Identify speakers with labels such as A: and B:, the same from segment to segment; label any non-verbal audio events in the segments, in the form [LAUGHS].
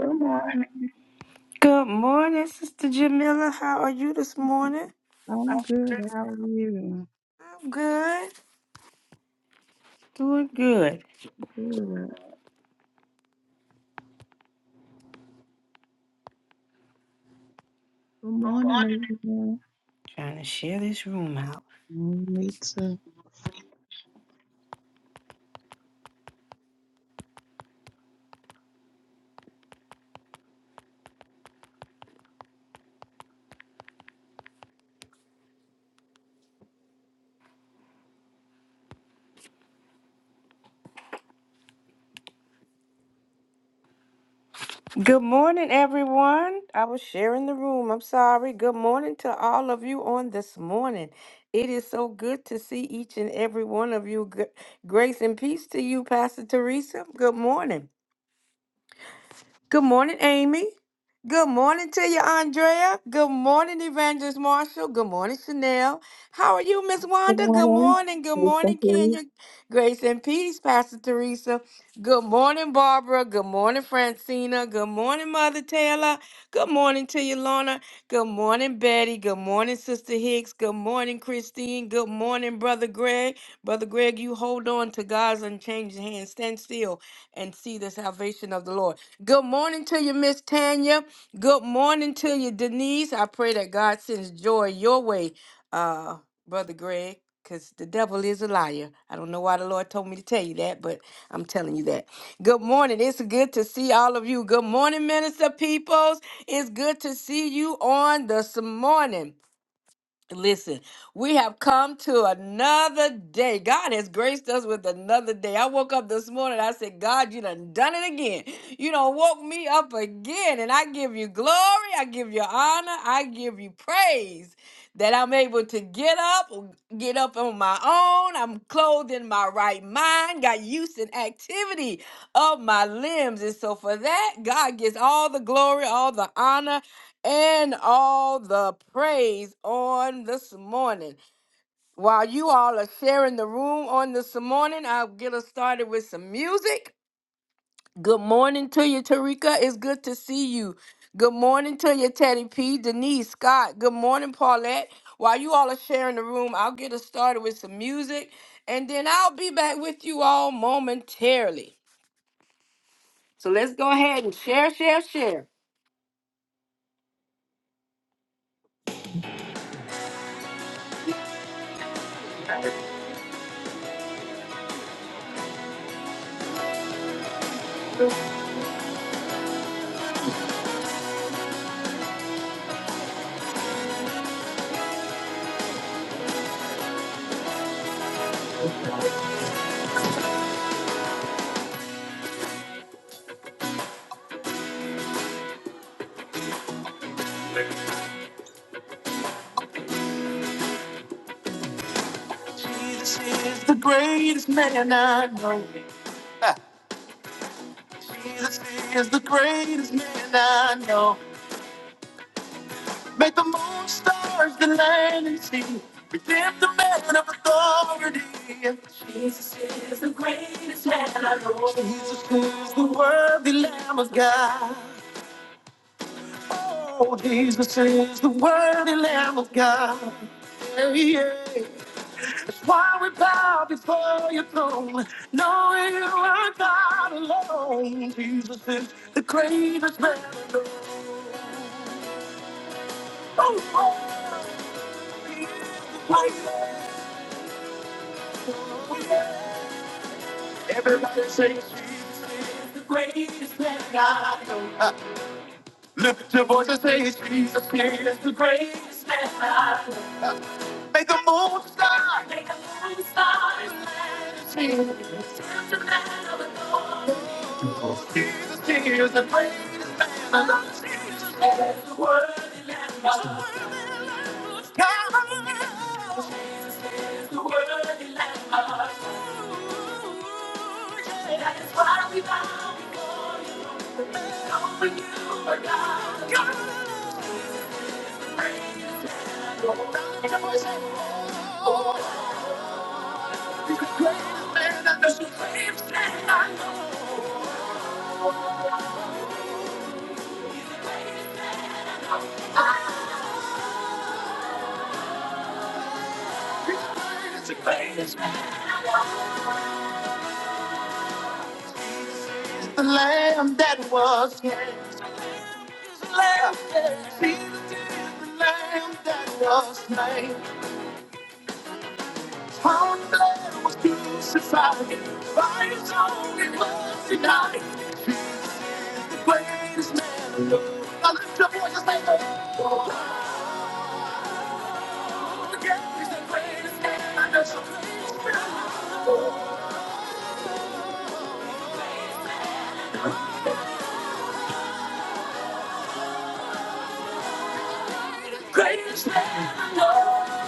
A: Good morning.
B: Good morning, Sister Jamila. How are you this morning?
A: I'm good. How are you?
B: I'm good. Doing good.
A: Good. Good morning, everyone.
B: Trying to share this room out.
A: Mm, Me too.
B: Good morning, everyone. I was sharing the room. I'm sorry. Good morning to all of you on this morning. It is so good to see each and every one of you. Gr- Grace and peace to you, Pastor Teresa. Good morning. Good morning, Amy. Good morning to you, Andrea. Good morning, Evangelist Marshall. Good morning, Chanel. How are you, Miss
C: Good
B: Wanda? Good
C: morning.
B: morning. Good
C: Please
B: morning,
C: continue.
B: Kenya. Grace and peace, Pastor Teresa. Good morning, Barbara. Good morning, Francina. Good morning, Mother Taylor. Good morning to you, Lorna. Good morning, Betty. Good morning, Sister Hicks. Good morning, Christine. Good morning, Brother Greg. Brother Greg, you hold on to God's unchanged hand. Stand still and see the salvation of the Lord. Good morning to you, Miss Tanya. Good morning to you, Denise. I pray that God sends joy your way, uh, Brother Greg, because the devil is a liar. I don't know why the Lord told me to tell you that, but I'm telling you that. Good morning. It's good to see all of you. Good morning, Minister Peoples. It's good to see you on this morning. Listen, we have come to another day. God has graced us with another day. I woke up this morning. I said, God, you done done it again. You done woke me up again. And I give you glory. I give you honor. I give you praise that I'm able to get up, get up on my own. I'm clothed in my right mind, got use and activity of my limbs. And so for that, God gets all the glory, all the honor, and all the praise on this morning. While you all are sharing the room on this morning, I'll get us started with some music. Good morning to you, Tarika. It's good to see you. Good morning to you, Teddy P, Denise, Scott. Good morning, Paulette. While you all are sharing the room, I'll get us started with some music and then I'll be back with you all momentarily. So let's go ahead and share, share, share. Jesus is the greatest man I know. Jesus is the greatest man I know. Make the moon stars the land and sea. Redeem the man of authority. Jesus is the greatest man I know. Jesus is the worthy Lamb of God. Oh, Jesus is the worthy Lamb of God. Yeah, yeah. That's why we bow before your throne, knowing you are God alone. Jesus is the greatest man I know. Everybody say Jesus is the greatest man I know. Uh, Lift up your voice and say Jesus is the greatest man I know. Uh, Make the moon start. Make the moon start. Jesus is the man of the Lord. Jesus is the greatest man I know. Jesus is the worthy man of the world. The word is like my That is why we bow before you. Knowing you are God. You're the Lord. And I worship you. Oh, he's the greatest man that the supreme stand I know. He's the greatest, the greatest man. The lamb that was slain. The Lamb that was slain. the lamb that was slain. Found blood was crucified. By his own it was denied. greatest man. I lift your voice and say, Oh, yeah, he's the greatest man I know. The Greatest man I know.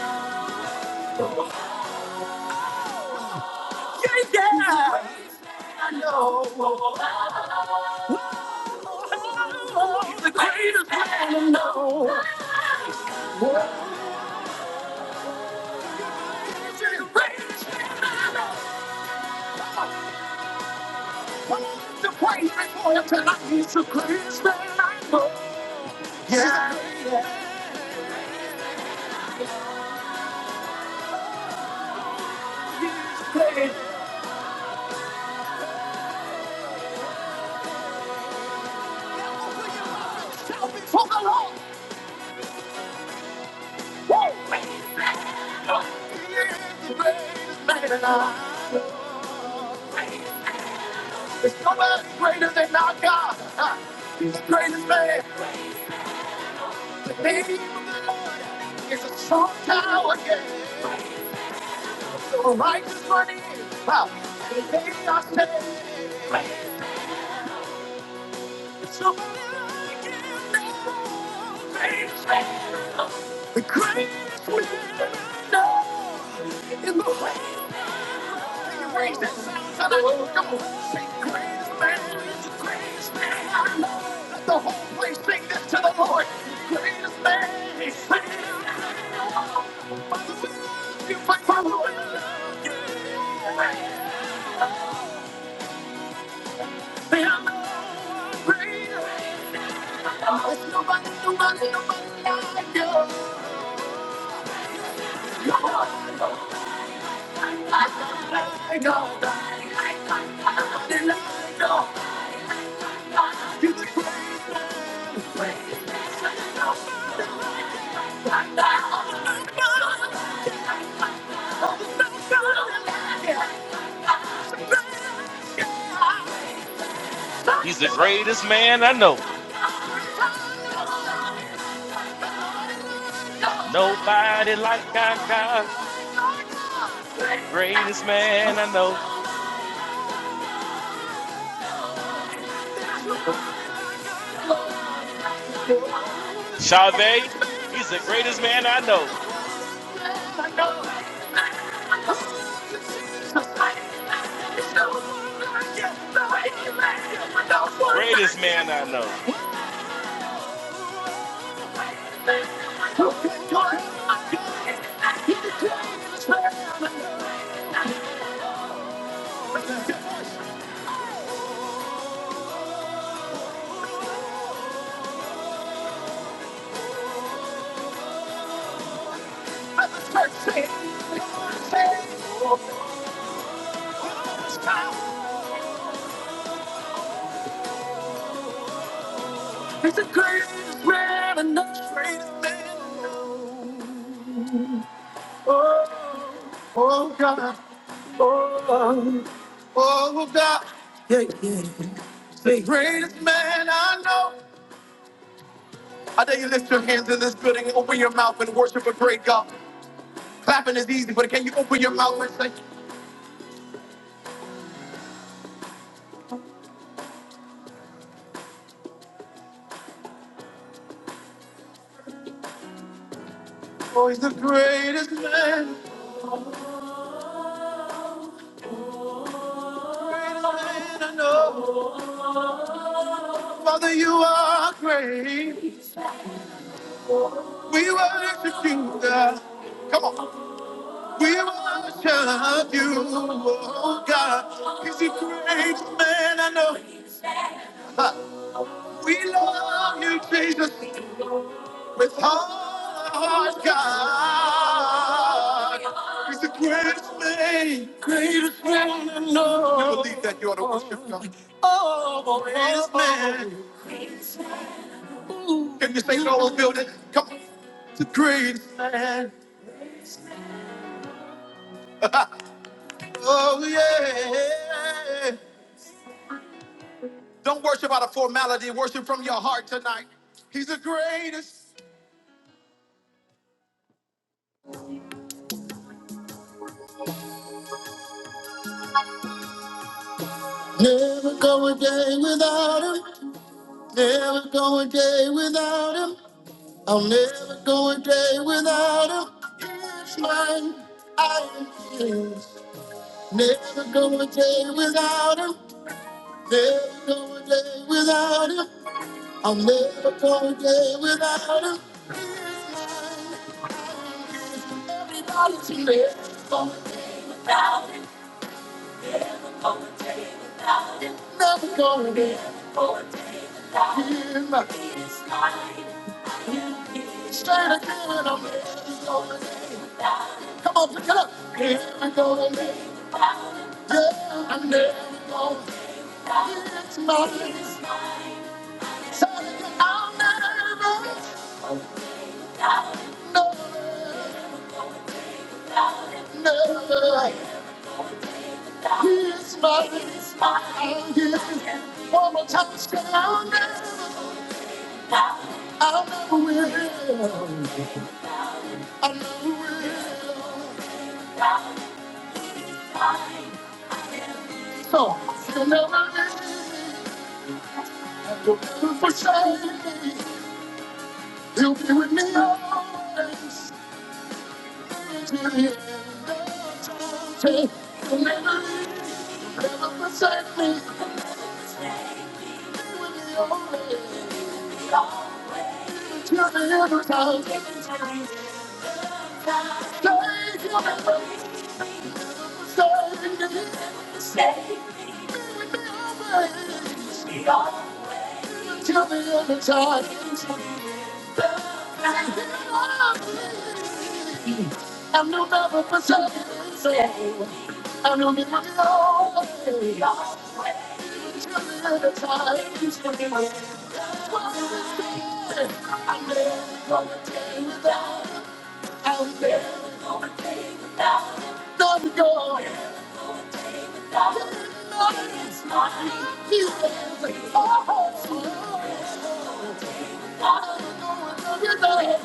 B: Yeah, yeah. I know. Oh, the greatest man I know. The greatest man I know. Oh, the greatest man tonight. He's the greatest man I know. Yeah. He's the greatest Shout before the Lord. Woo! Praise He is the greatest man alive. There's nobody greater than our God. Huh? He's the greatest man. The name of the Lord is a strong tower. Yeah. So the righteous run in. Wow. And they are saved. There's nobody like him. Greatest man. The greatest man. No. In the world. I know, I know, I know, I know, I know, I know, I know, I know,
D: He's the greatest man I know. Nobody like I got. Greatest man I know. Chavez, he's the greatest man I know. Greatest man
B: Thank
D: I
B: you.
D: know.
B: It's the greatest man in the street. Oh, oh God, oh, oh God, the greatest man I know. I dare you lift your hands in this building, open your mouth and worship a great God. Clapping is easy, but can you open your mouth and say, Oh, he's the greatest man, greatest man I know. Father, you are great. We worship you, God. Come on. We worship you, oh God. He's the greatest man I know. Ha. We love you, Jesus. with all our heart, God. is the greatest thing, greatest man I know. You believe that you ought to worship God. Oh, greatest man. Can you say it all building? Come on. The greatest man. Oh, yeah. Don't worship out of formality, worship from your heart tonight. He's the greatest. Never go a day without him. Never go a day without him. I'll never go a day without him. It's mine. I am his. Never go a day without him. Never go a day without him. I'll never go a day without him. Everybody's here. Never go a day. Hear my straight again. I'm never going day. Come on, pick it up. Never go a day. Yeah, I'm never going to it's mine. I'll never, never, never. He's my, he's my, he's one more time. say, I'll never, I'll never will. I never will. So he'll never leave. you will never forsake me. you will be with me always. Till the end. Say, He'll never leave. Never forsake me. you will be with me always. Till the end of time. I'm no lover for something. I'm no lover for I'm never gonna take without. I'm never gonna take without. No, no, no, it's mine. You have it all. I don't know what you're doing.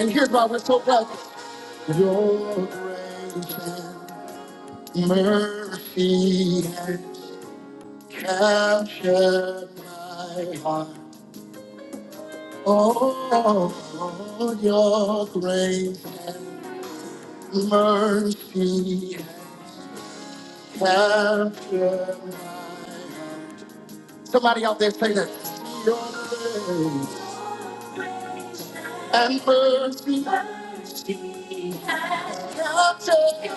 B: And here's why we're so glad. Your grace and mercy has captured my heart. Oh, your grace and mercy has captured my heart. Somebody out there say that. and mercy. Mercy and obtain.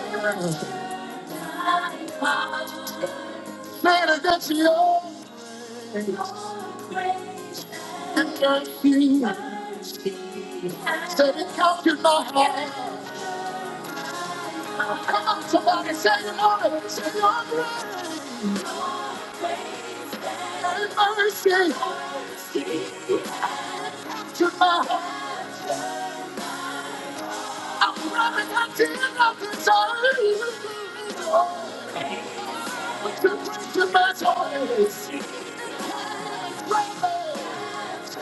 B: Greater gets yours and mercy. mercy, Said it comes in my heart. Come on, somebody say it on it. Say your grace and mercy. mercy, to my heart. I'm running until nothing turns. Would you bring to my toys?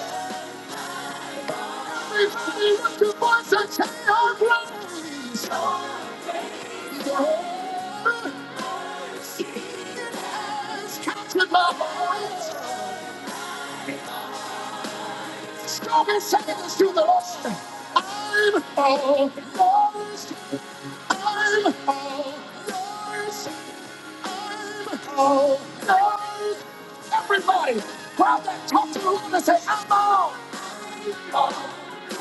B: Everybody lift your voice and say, "Our praise." The whole city has captured my voice. Strong seconds to the lost. I'm all lost. I'm all yours. I'm all yours. Everybody, grab that talk to the and say, I'm all. I'm all.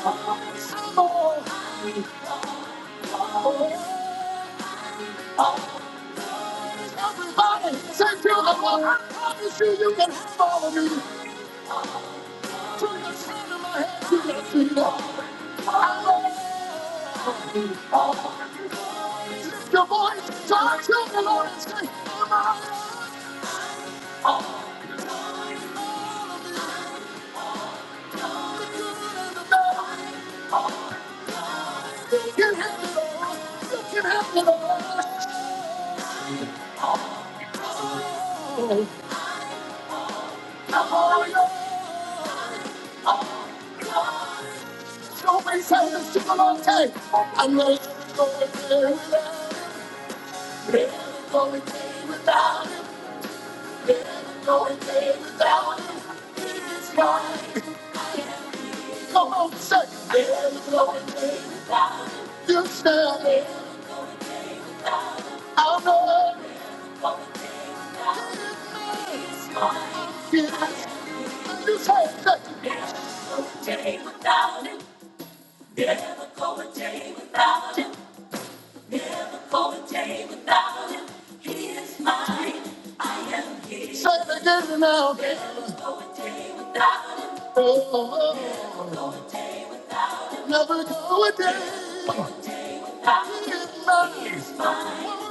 B: I'm all. I'm all. Everybody, say to the Lord, I promise you, you can have all of me. Turn the sound of my head, to the feet of my feet. Lift your voice, so I the Lord and say, I'm out of the You can have it all. You can have it all. I'm all yours. So we say this to the Lord, say, I'm not going anywhere without you. Never going day without him. Never going day without him. Come on, say, there's no God. You say, I'll know yes. You say, say, day without him, never go a day without him, go a day without him. Say it again now. Oh, oh, oh. never go a day without him. It's my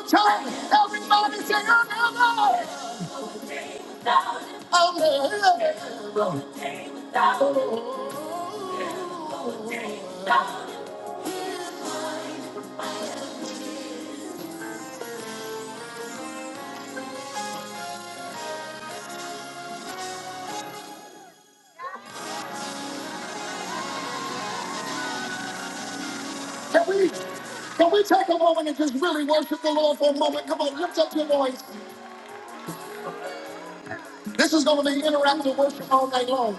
B: time. Everybody say, I'll never, I'll never. Oh, oh, oh. Can we, can we take a moment and just really worship the Lord for a moment? Come on, lift up your voice. This is going to be interactive worship all night long.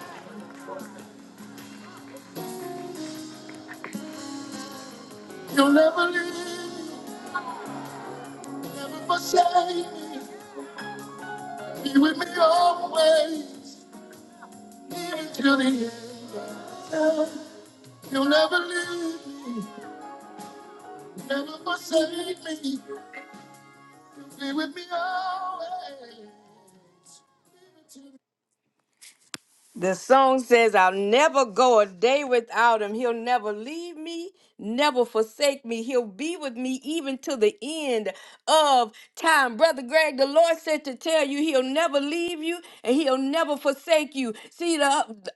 B: You'll never leave, never forsake me. Be with me always, even to the end. of time. You'll never leave me, never forsake me. Be with me always. even to the end. The song says, I'll never go a day without him. He'll never leave me, never forsake me. He'll be with me even to the end of time. Brother Greg, the Lord said to tell you, he'll never leave you and he'll never forsake you. See, the,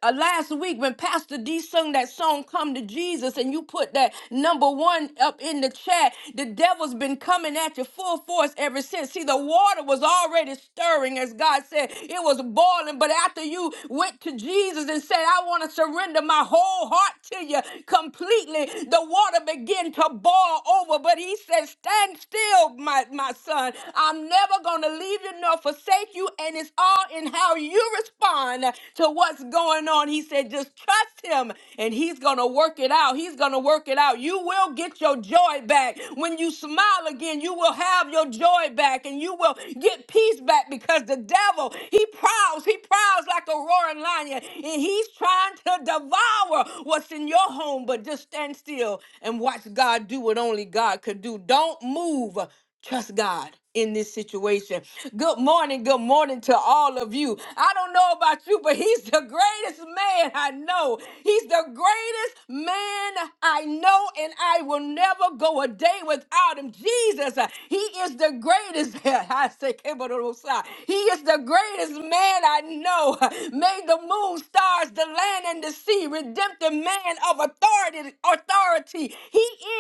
B: uh, last week when Pastor D sung that song, Come to Jesus, and you put that number one up in the chat, the devil's been coming at you full force ever since. See, the water was already stirring, as God said. It was was boiling, but after you went to Jesus and said, I want to surrender my whole heart to you completely, the water began to boil over. But he said, Stand still, my, my son. I'm never going to leave you nor forsake you. And it's all in how you respond to what's going on. He said, Just trust him and he's going to work it out. He's going to work it out. You will get your joy back. When you smile again, you will have your joy back and you will get peace he's back because the devil, he prowls, he prowls like a roaring lion, and he's trying to devour what's in your home. But just stand still and watch God do what only God could do. Don't move. Trust God in this situation. Good morning, good morning to all of you. I don't know about you, but he's the greatest man I know. He's the greatest man I know, and I will never go a day without him. Jesus, uh, he is the the greatest. [LAUGHS] I say, Kemododosa. He is the greatest man I know. [LAUGHS] Made the moon, stars, the land, and the sea. Redemptive man of authority. Authority. He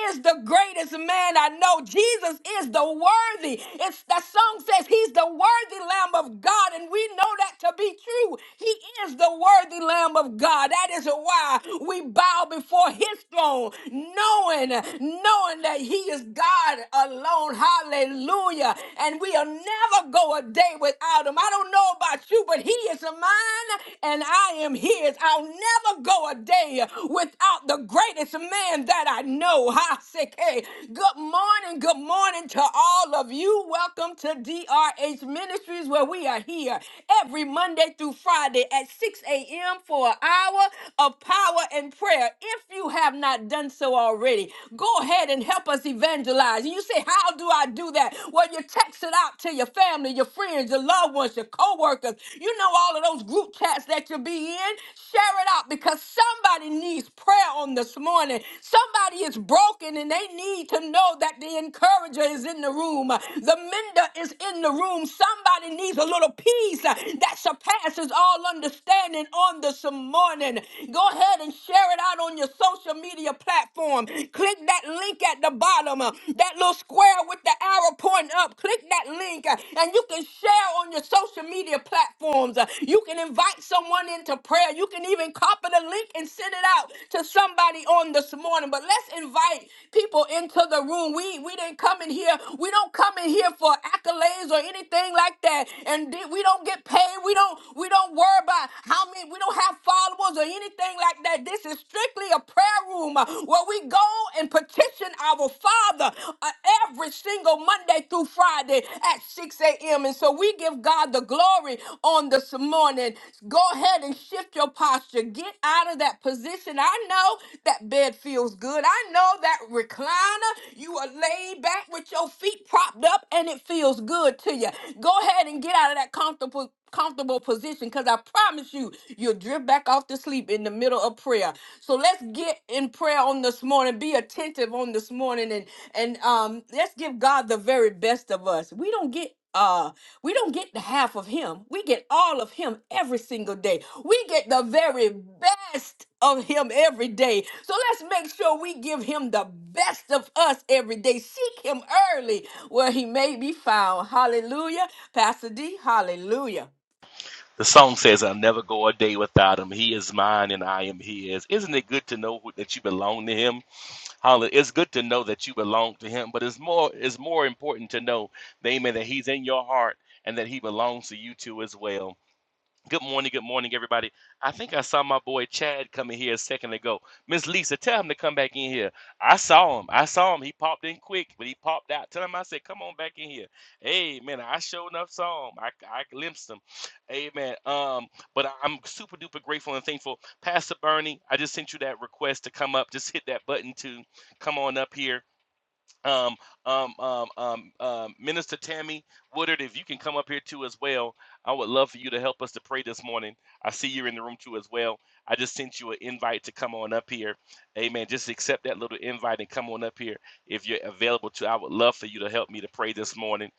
B: is the greatest man I know. Jesus is the worthy. It's the song says he's the worthy Lamb of God, and we know that to be true. He is the worthy Lamb of God. That is why we bow before his throne, knowing, knowing that he is God God alone. Hallelujah. And we'll never go a day without him. I don't know about you, but he is mine and I am his. I'll never go a day without the greatest man that I know. Ha, sick, hey. Good morning. Good morning to all of you. Welcome to DRH Ministries where we are here every Monday through Friday at 6 a.m. for an hour of power and prayer. If you have not done so already, Go ahead and help us evangelize. And you say, How do I do that? Well, you text it out to your family, your friends, your loved ones, your co workers. You know, all of those group chats that you'll be in. Share it out because somebody needs prayer on this morning. Somebody is broken and they need to know that the encourager is in the room, the mender is in the room. Somebody needs a little peace uh, that surpasses all understanding on this morning. Go ahead and share it out on your social media platform. Click that link at the bottom, uh, that little square with the arrow pointing up. Click that link, uh, and you can share on your social media platforms. Uh, You can invite someone into prayer. You can even copy the link and send it out to somebody on this morning. But let's invite people into the room. We we didn't come in here. We don't come in here for accolades or anything like that. And di- we don't get paid. We don't we don't worry about how many. We don't have followers or anything anything like that. This is strictly a prayer room uh, where we go and petition our Father uh, every single Monday through Friday at 6 a.m. And so we give God the glory on this morning. Go ahead and shift your posture. Get out of that position. I know that bed feels good. I know that recliner, you are laid back with your feet propped up and it feels good to you. Go ahead and get out of that comfortable comfortable position because I promise you you. You'll drift back off to sleep in the middle of prayer. So let's get in prayer on this morning. Be attentive on this morning and and um let's give God the very best of us. We don't get uh we don't get the half of him. We get all of him every single day. We get the very best of him every day. So let's make sure we give him the best of us every day. Seek him early where he may be found. Hallelujah. Pastor D, hallelujah.
D: The song says, I'll never go a day without him. He is mine and I am his. Isn't it good to know that you belong to him? Holly, it's good to know that you belong to him, but it's more it's more important to know, amen, that he's in your heart and that he belongs to you too as well. Good morning, good morning, everybody. I think I saw my boy Chad coming here a second ago. Miss Lisa, tell him to come back in here. I saw him. I saw him. He popped in quick, but he popped out. Tell him I said, come on back in here. Amen. I sure enough saw him. I, I glimpsed him. Amen. Um, but I- I'm super duper grateful and thankful. Pastor Bernie, I just sent you that request to come up. Just hit that button to come on up here um, um, um, um, um, Minister Tammy Woodard, if you can come up here too as well, I would love for you to help us to pray this morning. I see you're in the room too as well. I just sent you an invite to come on up here. Amen. Just accept that little invite and come on up here if you're available to. I would love for you to help me to pray this morning.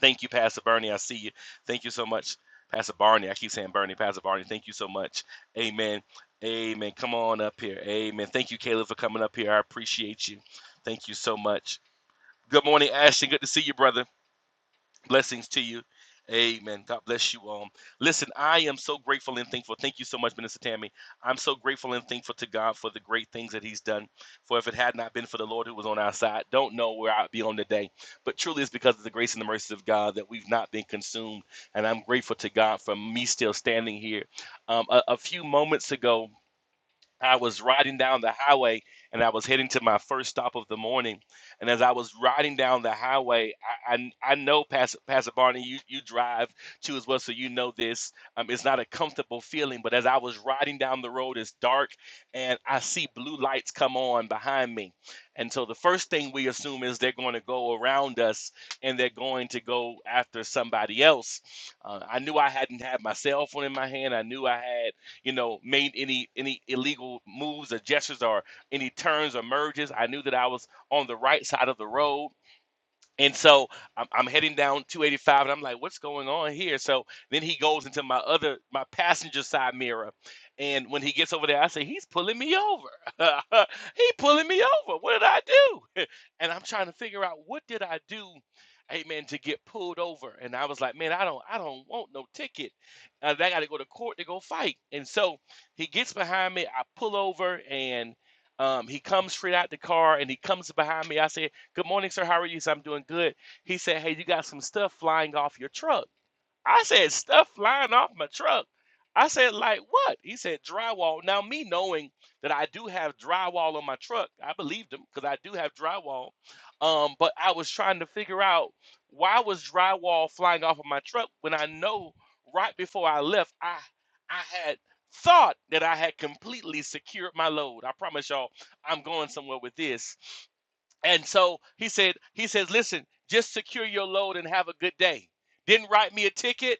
D: Thank you, Pastor Bernie. I see you. Thank you so much, Pastor Barney. I keep saying Bernie, Pastor Barney. Thank you so much. Amen. Amen. Come on up here. Amen. Thank you, Caleb, for coming up here. I appreciate you. Thank you so much. Good morning, Ashton. Good to see you, brother. Blessings to you. Amen. God bless you all. Listen, I am so grateful and thankful. Thank you so much, Minister Tammy. I'm so grateful and thankful to God for the great things that He's done. For if it had not been for the Lord who was on our side, don't know where I'd be on today. But truly, it's because of the grace and the mercy of God that we've not been consumed. And I'm grateful to God for me still standing here. Um, a, a few moments ago, I was riding down the highway and I was heading to my first stop of the morning. And as I was riding down the highway, I I, I know Pastor, Pastor Barney, you, you drive too as well, so you know this. Um, it's not a comfortable feeling, but as I was riding down the road, it's dark and I see blue lights come on behind me. And so the first thing we assume is they're going to go around us and they're going to go after somebody else. Uh, I knew I hadn't had my cell phone in my hand. I knew I had you know, made any any illegal moves or gestures or any turns or merges. I knew that I was on the right side of the road and so I'm, I'm heading down 285, and I'm like, what's going on here? So then he goes into my other, my passenger side mirror. And when he gets over there, I say, he's pulling me over. [LAUGHS] he pulling me over. What did I do? [LAUGHS] and I'm trying to figure out what did I do, amen, to get pulled over. And I was like, man, I don't, I don't want no ticket. Uh, I got to go to court to go fight. And so he gets behind me. I pull over, and um, he comes straight out the car, and he comes behind me. I say, Good morning, sir. How are you? He said, I'm doing good. He said, Hey, you got some stuff flying off your truck. I said, Stuff flying off my truck. I said, Like what? He said, Drywall. Now, me knowing that I do have drywall on my truck, I believed him because I do have drywall. Um, but I was trying to figure out why was drywall flying off of my truck when I know right before I left, I I had thought that I had completely secured my load. I promise y'all, I'm going somewhere with this. And so he said, he says, listen, just secure your load and have a good day. Didn't write me a ticket.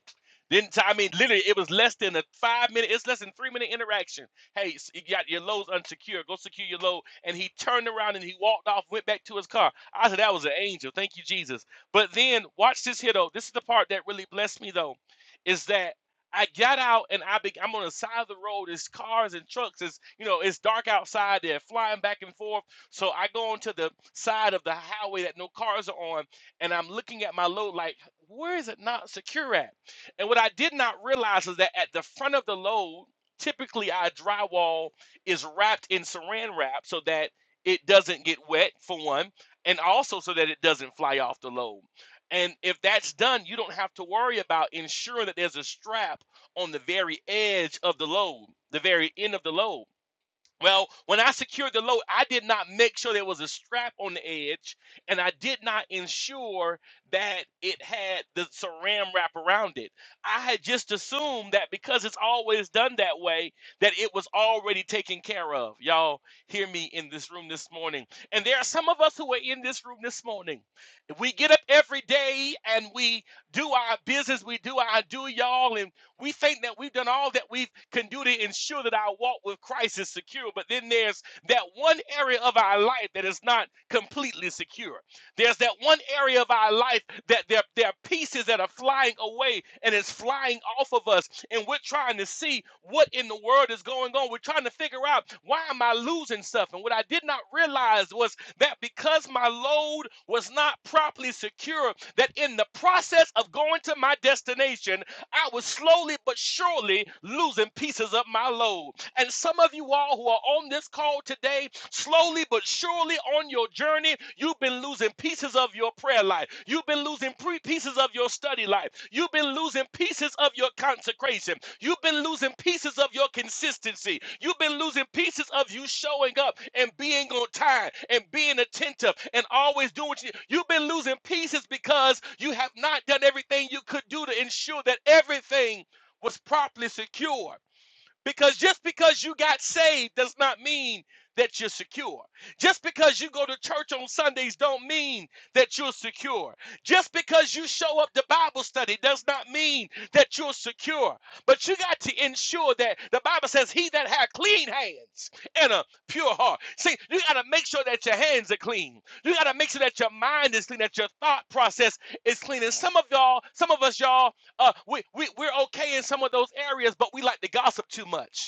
D: Didn't t- I mean literally it was less than a five minute, it's less than three minute interaction. Hey, you got your load's unsecured. Go secure your load. And he turned around and he walked off, went back to his car. I said, that was an angel. Thank you, Jesus. But then watch this here though. This is the part that really blessed me though, is that I got out and I be, I'm on the side of the road. There's cars and trucks. It's you know it's dark outside. They're flying back and forth so I go onto the side of the highway that no cars are on, and I'm looking at my load like, where is it not secure at? And what I did not realize is that at the front of the load, typically our drywall is wrapped in saran wrap so that it doesn't get wet, for one, and also so that it doesn't fly off the load. And if that's done, you don't have to worry about ensuring that there's a strap on the very edge of the load, the very end of the load. Well, when I secured the load, I did not make sure there was a strap on the edge, and I did not ensure that it had the saran wrap around it. I had just assumed that because it's always done that way, that it was already taken care of. Y'all hear me in this room this morning. And there are some of us who are in this room this morning. We get up every day and we do our business, we do our do, y'all, we think that we've done all that we can do to ensure that our walk with Christ is secure, but then there's that one area of our life that is not completely secure. There's that one area of our life that there, there are pieces that are flying away and it's flying off of us, and we're trying to see what in the world is going on. We're trying to figure out why am I losing stuff? And what I did not realize was that because my load was not properly secure, that in the process of going to my destination, I was slowly but surely losing pieces of my load. And some of you all who are on this call today, slowly but surely on your journey, you've been losing pieces of your prayer life. You've been losing pre- pieces of your study life. You've been losing pieces of your consecration. You've been losing pieces of your consistency. You've been losing pieces of you showing up and being on time and being attentive and always doing what you do. you've been losing pieces because you have not done everything you could do to ensure that everything was properly secured. Because just because you got saved does not mean that you're secure. Just because you go to church on Sundays don't mean that you're secure. Just because you show up to Bible study does not mean that you're secure. But you got to ensure that the Bible says he that had clean hands and a pure heart. See, you got to make sure that your hands are clean. You got to make sure that your mind is clean, that your thought process is clean. And some of y'all, some of us y'all uh, we, we, we're okay in some of those areas, but we like to gossip too much.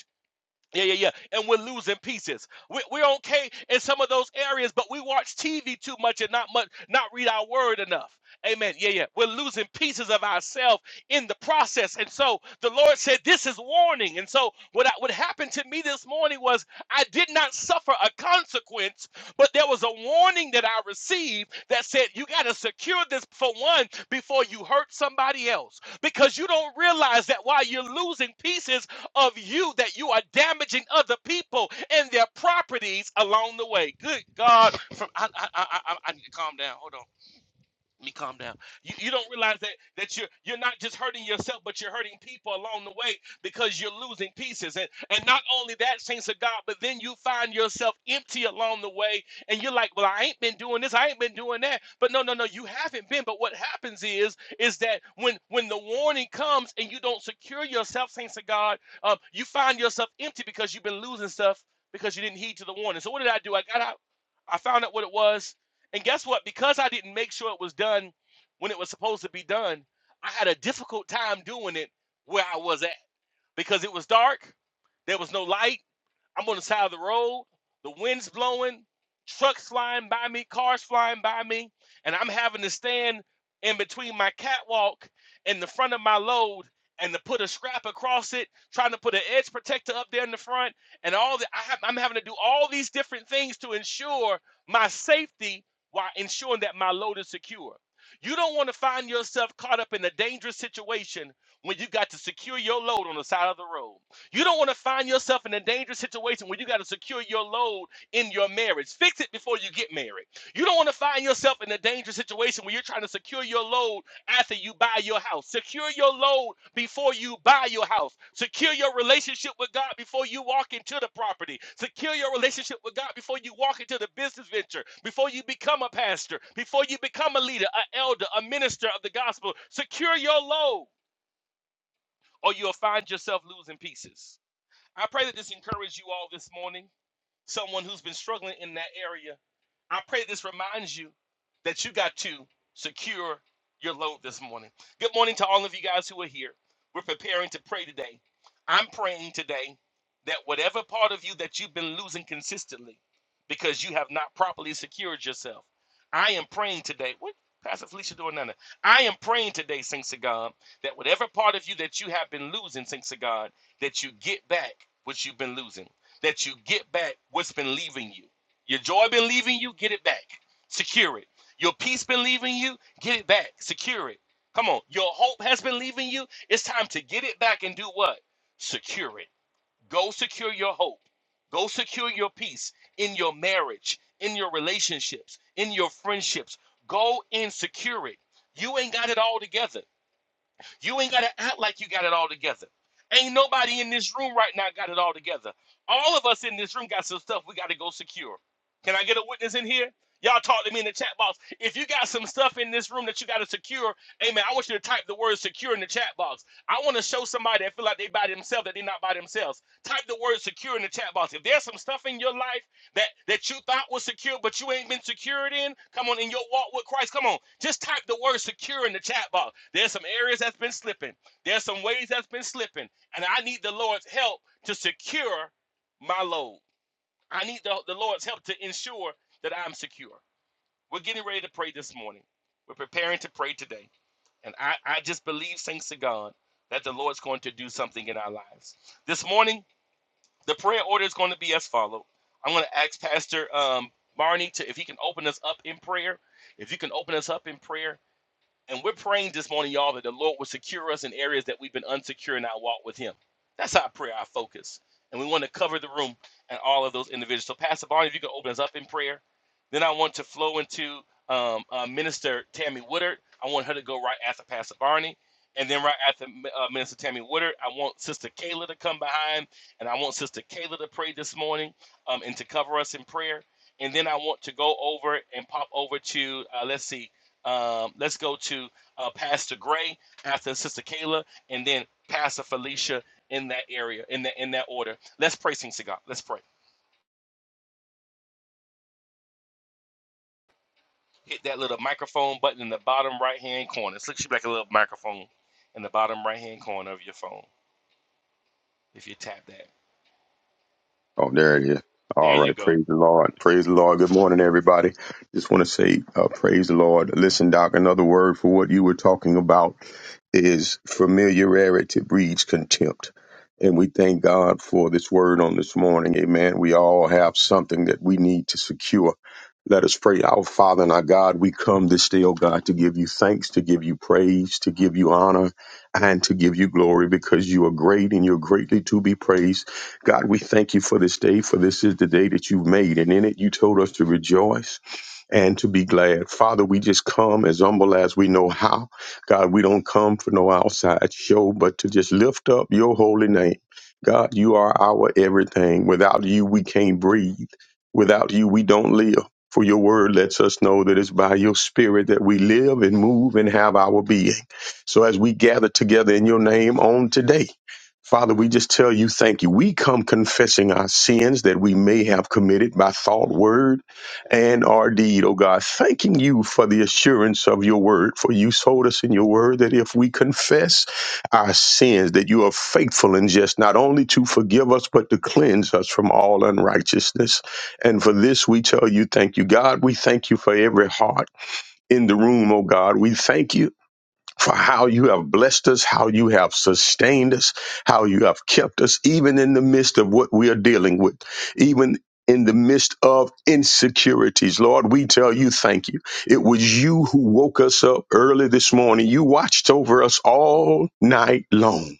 D: Yeah, yeah, yeah. And we're losing pieces. We, we're okay in some of those areas, but we watch TV too much and not much, not read our word enough. Amen. Yeah, yeah. We're losing pieces of ourselves in the process. And so the Lord said, This is warning. And so what, I, what happened to me this morning was I did not suffer a consequence, but there was a warning that I received that said, You got to secure this for one before you hurt somebody else. Because you don't realize that while you're losing pieces, of you that you are damaging other people and their properties along the way. Good God! From I I I, I, I need to calm down. Hold on. Let me calm down. You, you don't realize that that you're you're not just hurting yourself, but you're hurting people along the way because you're losing pieces. And and not only that, saints of God, but then you find yourself empty along the way, and you're like, well, I ain't been doing this, I ain't been doing that. But no, no, no, you haven't been. But what happens is is that when when the warning comes and you don't secure yourself, saints of God, um, you find yourself empty because you've been losing stuff because you didn't heed to the warning. So what did I do? I got out. I found out what it was. And guess what? Because I didn't make sure it was done when it was supposed to be done, I had a difficult time doing it where I was at because it was dark, there was no light, I'm on the side of the road. The wind's blowing, trucks flying by me, cars flying by me, and I'm having to stand in between my catwalk and the front of my load and to put a scrap across it, trying to put an edge protector up there in the front, and all that. I have, I'm having to do all these different things to ensure my safety while ensuring that my load is secure. You don't want to find yourself caught up in a dangerous situation when you got to secure your load on the side of the road. You don't want to find yourself in a dangerous situation where you got to secure your load in your marriage. Fix it before you get married. You don't want to find yourself in a dangerous situation where you're trying to secure your load after you buy your house. Secure your load before you buy your house. Secure your relationship with God before you walk into the property. Secure your relationship with God before you walk into the business venture, before you become a pastor, before you become a leader, an elder, a minister of the gospel. Secure your load or you'll find yourself losing pieces. I pray that this encourages you all this morning, someone who's been struggling in that area I pray this reminds you that you got to secure your load this morning. Good morning to all of you guys who are here. We're preparing to pray today. I'm praying today that whatever part of you that you've been losing consistently because you have not properly secured yourself, I am praying today. What? Pastor Felicia doing none I am praying today, thanks to God, that whatever part of you that you have been losing, thanks to God, that you get back what you've been losing, that you get back what's been leaving you your joy been leaving you, get it back. Secure it. Your peace been leaving you, get it back. Secure it. Come on. Your hope has been leaving you. It's time to get it back and do what? Secure it. Go secure your hope. Go secure your peace in your marriage, in your relationships, in your friendships. Go and secure it. You ain't got it all together. You ain't got to act like you got it all together. Ain't nobody in this room right now got it all together. All of us in this room got some stuff we got to go secure. Can I get a witness in here? Y'all talk to me in the chat box. If you got some stuff in this room that you got to secure, amen, I want you to type the word secure in the chat box. I want to show somebody that feel like they by themselves that they're not by themselves. Type the word secure in the chat box. If there's some stuff in your life that that you thought was secure, but you ain't been secured in. Come on, in your walk with Christ. Come on, just type the word secure in the chat box. There's some areas that's been slipping. There's some ways that's been slipping, and I need the Lord's help to secure my load. I need the, the Lord's help to ensure that I'm secure. We're getting ready to pray this morning. We're preparing to pray today, and I I just believe, thanks to God, that the Lord's going to do something in our lives this morning. The prayer order is going to be as follow. I'm going to ask Pastor um, Barney to if he can open us up in prayer. If you can open us up in prayer, and we're praying this morning, y'all, that the Lord will secure us in areas that we've been unsecure in our walk with Him. That's our prayer, our focus. And we want to cover the room and all of those individuals. So, Pastor Barney, if you can open us up in prayer. Then I want to flow into um, uh, Minister Tammy Woodard. I want her to go right after Pastor Barney. And then right after uh, Minister Tammy Woodard, I want Sister Kayla to come behind. And I want Sister Kayla to pray this morning um, and to cover us in prayer. And then I want to go over and pop over to, uh, let's see, um, let's go to uh, Pastor Gray after Sister Kayla, and then Pastor Felicia in that area, in that in that order. Let's pray, Saints of God. Let's pray. Hit that little microphone button in the bottom right hand corner. It looks like a little microphone in the bottom right hand corner of your phone. If you tap that,
E: Oh, there it is.
D: there
E: All
D: you
E: right.
D: go.
E: Praise the Lord. Praise the Lord. Good morning, everybody. Just want to say, uh, praise the Lord. Listen, Doc, another word for what you were talking about is familiarity breeds contempt. And we thank God for this word on this morning. Amen. We all have something that we need to secure. Let us pray. Our Father and our God, we come this day, oh God, to give you thanks, to give you praise, to give you honor, and to give you glory because you are great and you're greatly to be praised. God, we thank you for this day, for this is the day that you've made, and in it you told us to rejoice and to be glad. Father, we just come as humble as we know how. God, we don't come for no outside show, but to just lift up your holy name. God, you are our everything. Without you, we can't breathe. Without you, we don't live. For your word lets us know that it's by your spirit that we live and move and have our being. So as we gather together in your name on today, Father, we just tell you thank you. We come confessing our sins that we may have committed by thought, word, and our deed, O God, thanking you for the assurance of your word. For you told us in your word that if we confess our sins, that you are faithful and just not only to forgive us, but to cleanse us from all unrighteousness. And for this we tell you, thank you, God. We thank you for every heart in the room, O God. We thank you for how you have blessed us, how you have sustained us, how you have kept us, even in the midst of what we are dealing with, even in the midst of insecurities. Lord, we tell you thank you. It was you who woke us up early this morning. You watched over us all night long.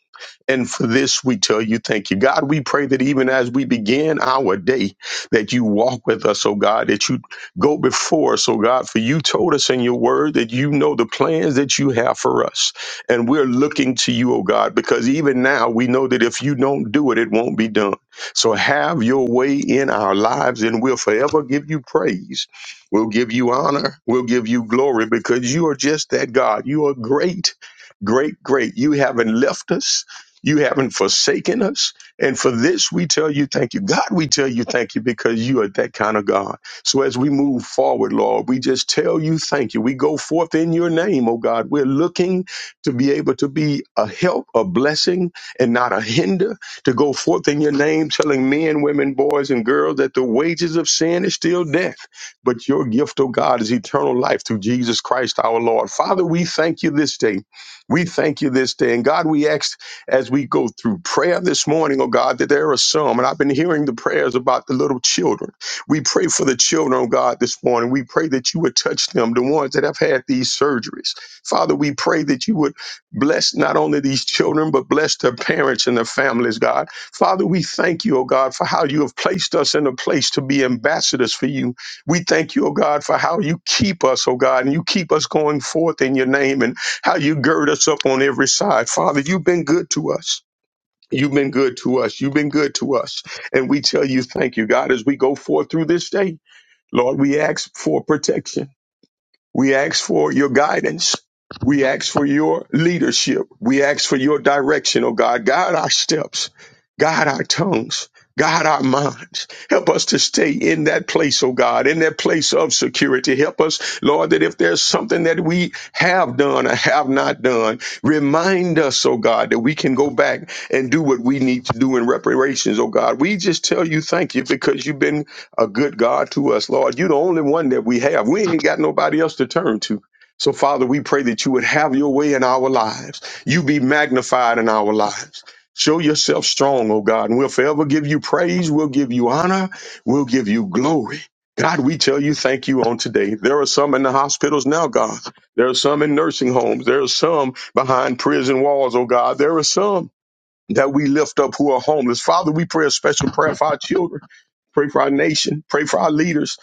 E: And for this, we tell you, thank you. God, we pray that even as we begin our day, that you walk with us, oh God, that you go before us, oh God, for you told us in your word that you know the plans that you have for us. And we're looking to you, oh God, because even now we know that if you don't do it, it won't be done. So have your way in our lives, and we'll forever give you praise. We'll give you honor. We'll give you glory because you are just that God. You are great great, great. You haven't left us. You haven't forsaken us. And for this, we tell you thank you. God, we tell you thank you because you are that kind of God. So as we move forward, Lord, we just tell you thank you. We go forth in your name, oh God. We're looking to be able to be a help, a blessing, and not a hinder, to go forth in your name, telling men, women, boys, and girls that the wages of sin is still death. But your gift, oh God, is eternal life through Jesus Christ our Lord. Father, we thank you this day. We thank you this day. And God, we ask as we go through prayer this morning, oh God, that there are some, and I've been hearing the prayers about the little children. We pray for the children, oh God, this morning. We pray that you would touch them, the ones that have had these surgeries. Father, we pray that you would bless not only these children, but bless their parents and their families, God. Father, we thank you, oh God, for how you have placed us in a place to be ambassadors for you. We thank you, oh God, for how you keep us, oh God, and you keep us going forth in your name. And how you gird us up on every side. Father, you've been good to us. You've been good to us. You've been good to us. And we tell you, thank you, God, as we go forth through this day. Lord, we ask for protection. We ask for your guidance. We ask for your leadership. We ask for your direction, oh God. Guide our steps, guide our tongues, guide our minds. Help us to stay in that place, oh God, in that place of security. Help us, Lord, that if there's something that we have done or have not done, remind us, oh God, that we can go back and do what we need to do in reparations, oh God. We just tell you thank you because you've been a good God to us, Lord. You're the only one that we have. We ain't got nobody else to turn to. So, Father, we pray that you would have your way in our lives. You be magnified in our lives. Show yourself strong, oh God, and we'll forever give you praise. We'll give you honor. We'll give you glory. God, we tell you thank you on today. There are some in the hospitals now, God. There are some in nursing homes. There are some behind prison walls, oh God. There are some that we lift up who are homeless. Father, we pray a special prayer for our children. Pray for our nation. Pray for our leaders.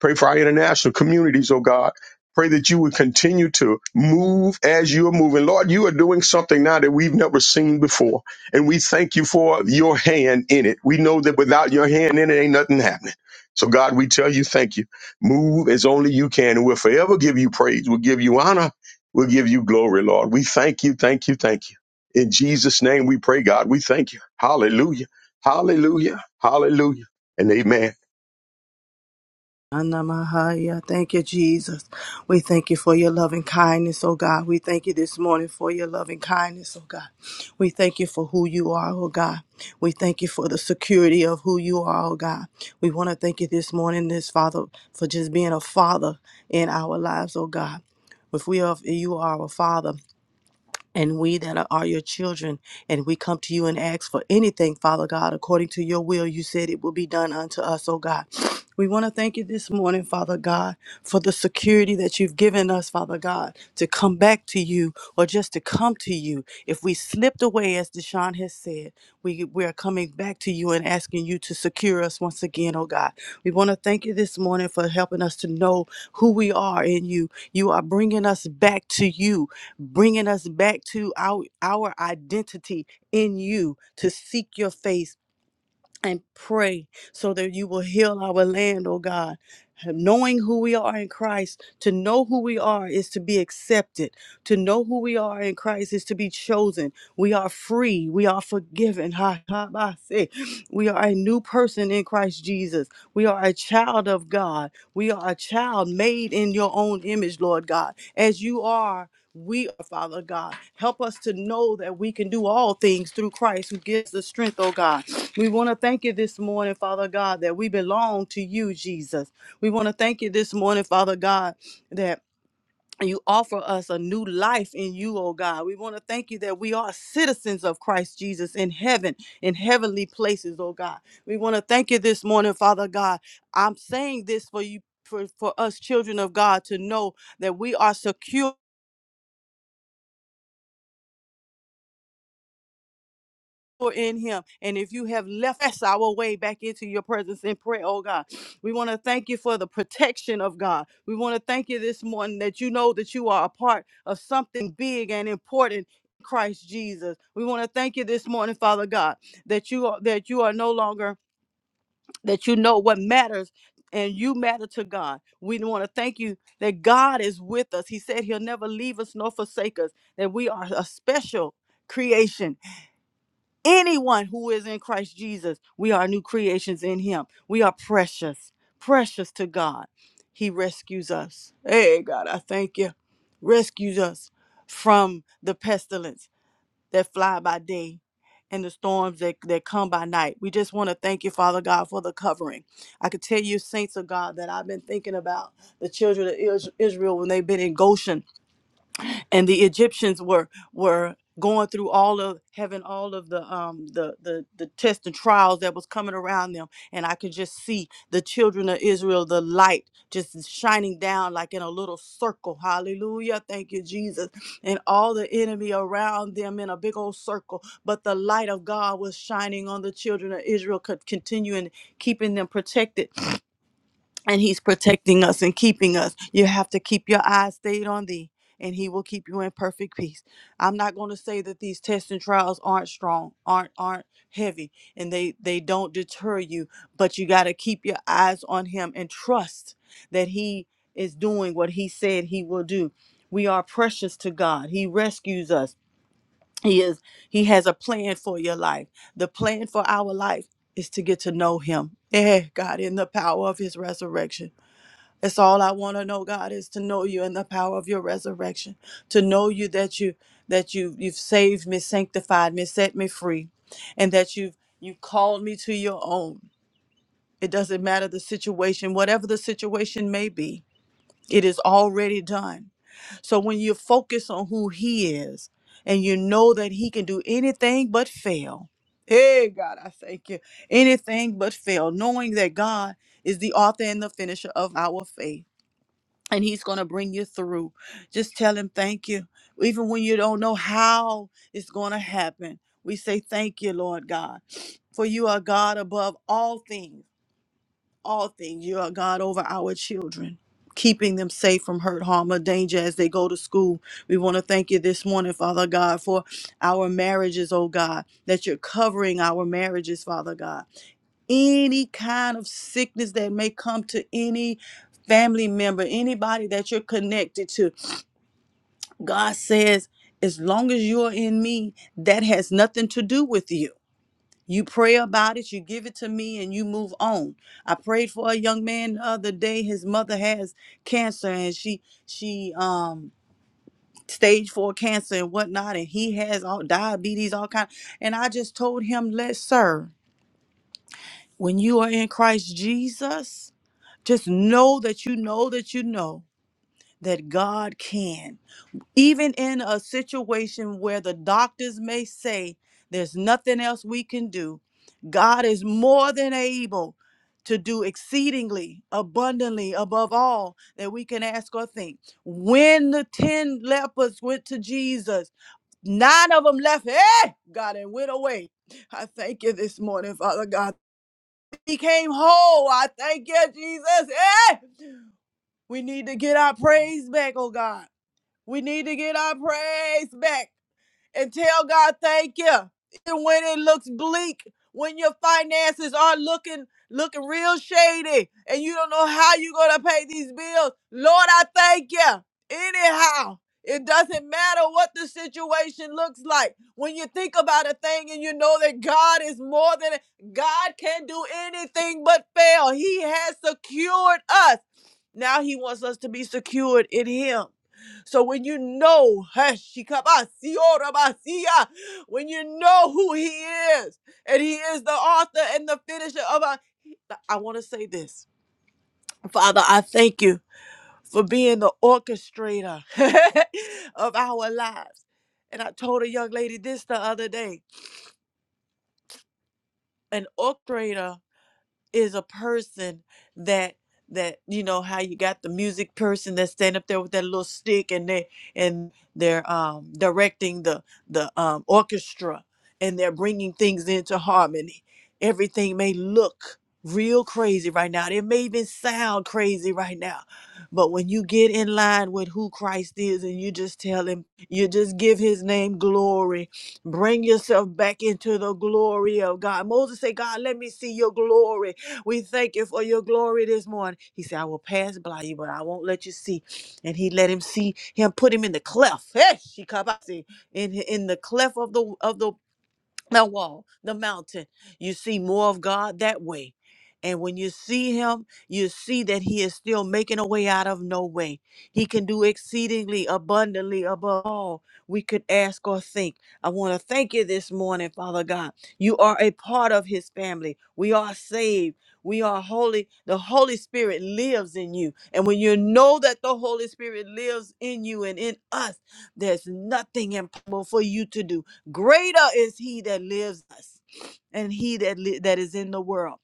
E: Pray for our international communities, oh God. Pray that you would continue to move as you are moving. Lord, you are doing something now that we've never seen before. And we thank you for your hand in it. We know that without your hand in it, ain't nothing happening. So, God, we tell you thank you. Move as only you can. And we'll forever give you praise. We'll give you honor. We'll give you glory, Lord. We thank you, thank you, thank you. In Jesus' name we pray, God. We thank you. Hallelujah. Hallelujah. Hallelujah. And amen.
F: Anamahaya. Thank you, Jesus. We thank you for your loving kindness, oh God. We thank you this morning for your loving kindness, oh God. We thank you for who you are, oh God. We thank you for the security of who you are, oh God. We want to thank you this morning, this Father, for just being a father in our lives, oh God. If we are, you are our father and we that are, are your children, and we come to you and ask for anything, Father God, according to your will, you said it will be done unto us, oh God. [SNIFFS] We want to thank you this morning, Father God, for the security that you've given us, Father God, to come back to you or just to come to you. If we slipped away, as Deshaun has said, we, we are coming back to you and asking you to secure us once again, oh God. We want to thank you this morning for helping us to know who we are in you. You are bringing us back to you bringing us back to our, our identity in you to seek your face and pray so that you will heal our land, oh God. Knowing who we are in Christ, to know who we are is to be accepted. To know who we are in Christ is to be chosen. We are free. We are forgiven. Ha, ha, ba, se. We are a new person in Christ Jesus. We are a child of God. We are a child made in your own image, Lord God. As you are, we are, Father God. Help us to know that we can do all things through Christ who gives us strength, oh God. We want to thank you this morning, Father God, that we belong to you, Jesus. We want to thank you this morning, Father God, that you offer us a new life in you, oh God. We want to thank you that we are citizens of Christ Jesus in heaven, in heavenly places, oh God. We want to thank you this morning, Father God. I'm saying this for you. For, for us children of God to know that we are secure for in him. And if you have left us our way back into your presence in prayer, oh God, we want to thank you for the protection of God. We want to thank you this morning that you know that you are a part of something big and important. in Christ Jesus. We want to thank you this morning, Father God, that you are that you are no longer that you know what matters and you matter to God. We want to thank you that God is with us. He said he'll never leave us nor forsake us, that we are a special creation anyone who is in Christ Jesus, we are new creations in him. We are precious, precious to God. He rescues us. Hey, God, I thank you. Rescues us from the pestilence that fly by day and the storms that, that come by night. We just want to thank you, Father God, for the covering. I could tell you, saints of God, that I've been thinking about the children of Is- Israel when they've been in Goshen and the Egyptians were were going through all of having all of the um the the the tests and trials that was coming around them and I could just see the children of Israel the light just shining down like in a little circle hallelujah thank you Jesus and all the enemy around them in a big old circle but the light of God was shining on the children of Israel could continue and keeping them protected and he's protecting us and keeping us. You have to keep your eyes stayed on thee, and he will keep you in perfect peace. I'm not going to say that these tests and trials aren't strong, aren't aren't heavy, and they they don't deter you, but you got to keep your eyes on him and trust that he is doing what he said he will do. We are precious to God. He rescues us. He is he has a plan for your life. The plan for our life is to get to know him. Eh, God, in the power of his resurrection. It's all I want to know, God, is to know you and the power of your resurrection, to know you that you that you you've saved me, sanctified me, set me free, and that you've you have called me to your own. It doesn't matter the situation, whatever the situation may be, it is already done. So when you focus on who he is and you know that he can do anything but fail. Hey God, I thank you. Anything but fail, knowing that God is the author and the finisher of our faith and he's going to bring you through. Just tell him thank you. Even when you don't know how it's going to happen, we say thank you, Lord God, for you are God above all things. All things. You are God over our children, keeping them safe from hurt, harm, or danger as they go to school. We want to thank you this morning, Father God, for our marriages, oh God, that you're covering our marriages, Father God any kind of sickness that may come to any family member, anybody that you're connected to. God says, as long as you're in me, that has nothing to do with you. You pray about it, you give it to me, and you move on. I prayed for a young man the other day. His mother has cancer, and she she um stage four cancer and whatnot, and he has all diabetes, all kind. And I just told him, let sir. When you are in Christ Jesus, just know that you know that you know that God can. Even in a situation where the doctors may say there's nothing else we can do, God is more than able to do exceedingly abundantly above all that we can ask or think. When the 10 lepers went to Jesus, nine of them left, hey, God, and went away. I thank you this morning, Father God became whole. I thank you, Jesus. Eh! We need to get our praise back, oh God. We need to get our praise back and tell God thank you. Even when it looks bleak, when your finances are looking looking real shady and you don't know how you're gonna pay these bills. Lord, I thank you. Anyhow, it doesn't matter what the situation looks like. When you think about a thing and you know that God is more than God can do anything but fail. He has secured us. Now he wants us to be secured in him. So when you know, Heshikabasiorabasiya, when you know who he is, and he is the author and the finisher of our, I want to say this. Father, I thank you for being the orchestrator [LAUGHS] of our lives. And I told a young lady this the other day an orchestrator is a person that that you know how you got the music person that stand up there with that little stick and they and they're um directing the the um orchestra and they're bringing things into harmony everything may look real crazy right now it may even sound crazy right now but when you get in line with who christ is and you just tell him you just give his name glory bring yourself back into the glory of god moses said god let me see your glory we thank you for your glory this morning. He said, I will pass by you, but I won't let you see. And he let him see him, put him in the cleft. Hey, she come out, see, in in the cleft of the of the the wall, the mountain. You see more of God that way. And when you see him, you see that he is still making a way out of no way. He can do exceedingly abundantly above all we could ask or think. I want to thank you this morning, Father God. You are a part of his family. We are saved. We are holy. The Holy Spirit lives in you. And when you know that the Holy Spirit lives in you and in us, there's nothing impossible for you to do. Greater is he that lives in us and he that li- that is in the world.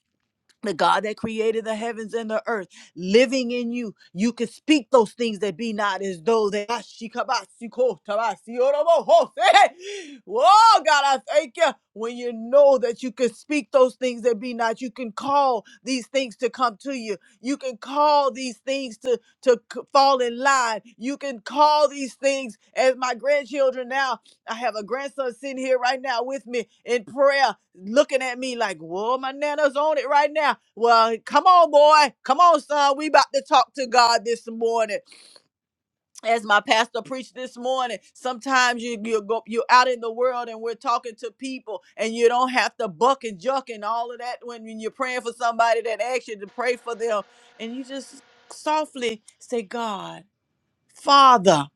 F: The God that created the heavens and the earth living in you. You can speak those things that be not as though they are. Shikabasiko, tabasioroboho. Hey! Oh God, I thank you. When you know that you can speak those things that be not, you can call these things to come to you. You can call these things to to c- fall in line. You can call these things as my grandchildren now. I have a grandson sitting here right now with me in prayer, looking at me like, whoa, my nana's on it right now. Well, come on, boy. Come on, son. We about to talk to God this morning. As my pastor preached this morning, sometimes you, you go you're out in the world and we're talking to people and you don't have to buck and juck and all of that when, when you're praying for somebody that asks you to pray for them. And you just softly say, God, Father.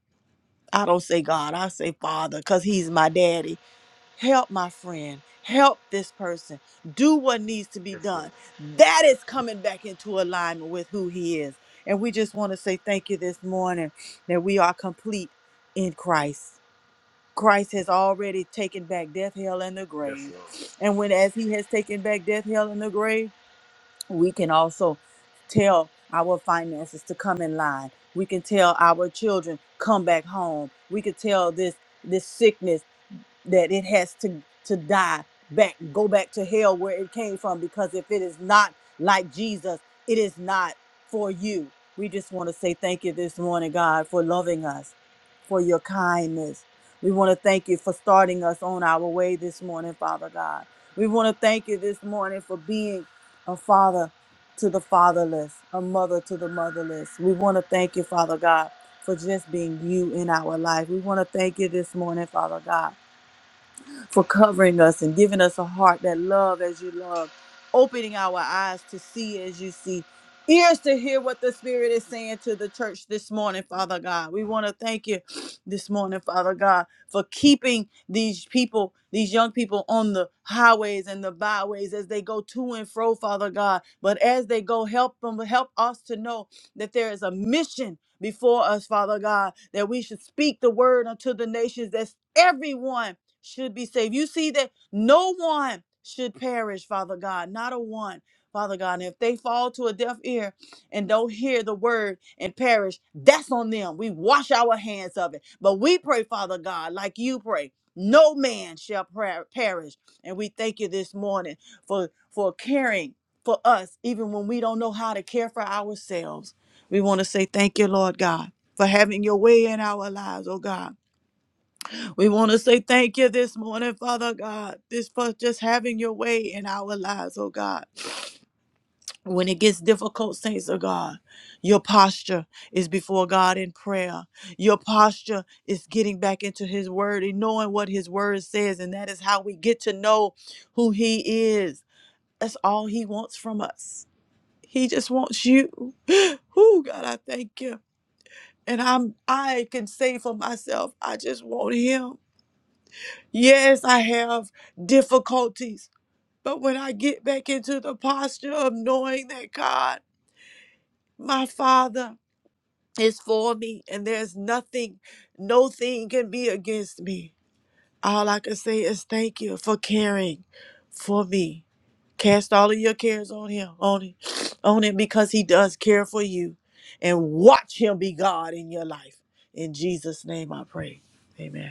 F: I don't say God, I say Father, because He's my daddy help my friend, help this person, do what needs to be
D: Yes, Lord.
F: done. That is coming back into alignment with who He is. And we just want to say thank you this morning that we are complete in Christ. Christ has already taken back death, hell, and the
D: Yes,
F: grave.
D: Lord.
F: And when, as He has taken back death, hell, and the grave, we can also tell our finances to come in line. We can tell our children, come back home. We can tell this this sickness that it has to to die back go back to hell where it came from because if it is not like jesus it is not for you we just want to say thank you this morning god for loving us for your kindness we want to thank you for starting us on our way this morning father god we want to thank you this morning for being a father to the fatherless a mother to the motherless we want to thank you father god for just being you in our life we want to thank you this morning father god for covering us and giving us a heart that love as you love, opening our eyes to see as you see, ears to hear what the Spirit is saying to the church this morning, Father God. We want to thank you this morning, Father God, for keeping these people, these young people on the highways and the byways as they go to and fro, Father God. But as they go, help them, help us to know that there is a mission before us, Father God, that we should speak the word unto the nations. That's everyone should be saved. You see that no one should perish, Father God, not a one, Father God. And if they fall to a deaf ear and don't hear the word and perish, that's on them. We wash our hands of it. But we pray, Father God, like you pray. No man shall per- perish. And we thank you this morning for for caring for us even when we don't know how to care for ourselves. We want to say thank you, Lord God, for having your way in our lives, oh God. We want to say thank you this morning, Father God, this for just having your way in our lives, oh God. When it gets difficult, saints of God, your posture is before God in prayer. Your posture is getting back into His Word and knowing what His Word says, and that is how we get to know who He is. That's all He wants from us. He just wants you. [GASPS] Oh God, I thank you. And I'm I can say for myself, I just want Him. Yes, I have difficulties, but when I get back into the posture of knowing that God, my Father, is for me and there's nothing, no thing can be against me, all I can say is thank you for caring for me. Cast all of your cares on him, on him, [SNIFFS] on him, because he does care for you. And watch him be God in your life. In Jesus' name I pray. Amen.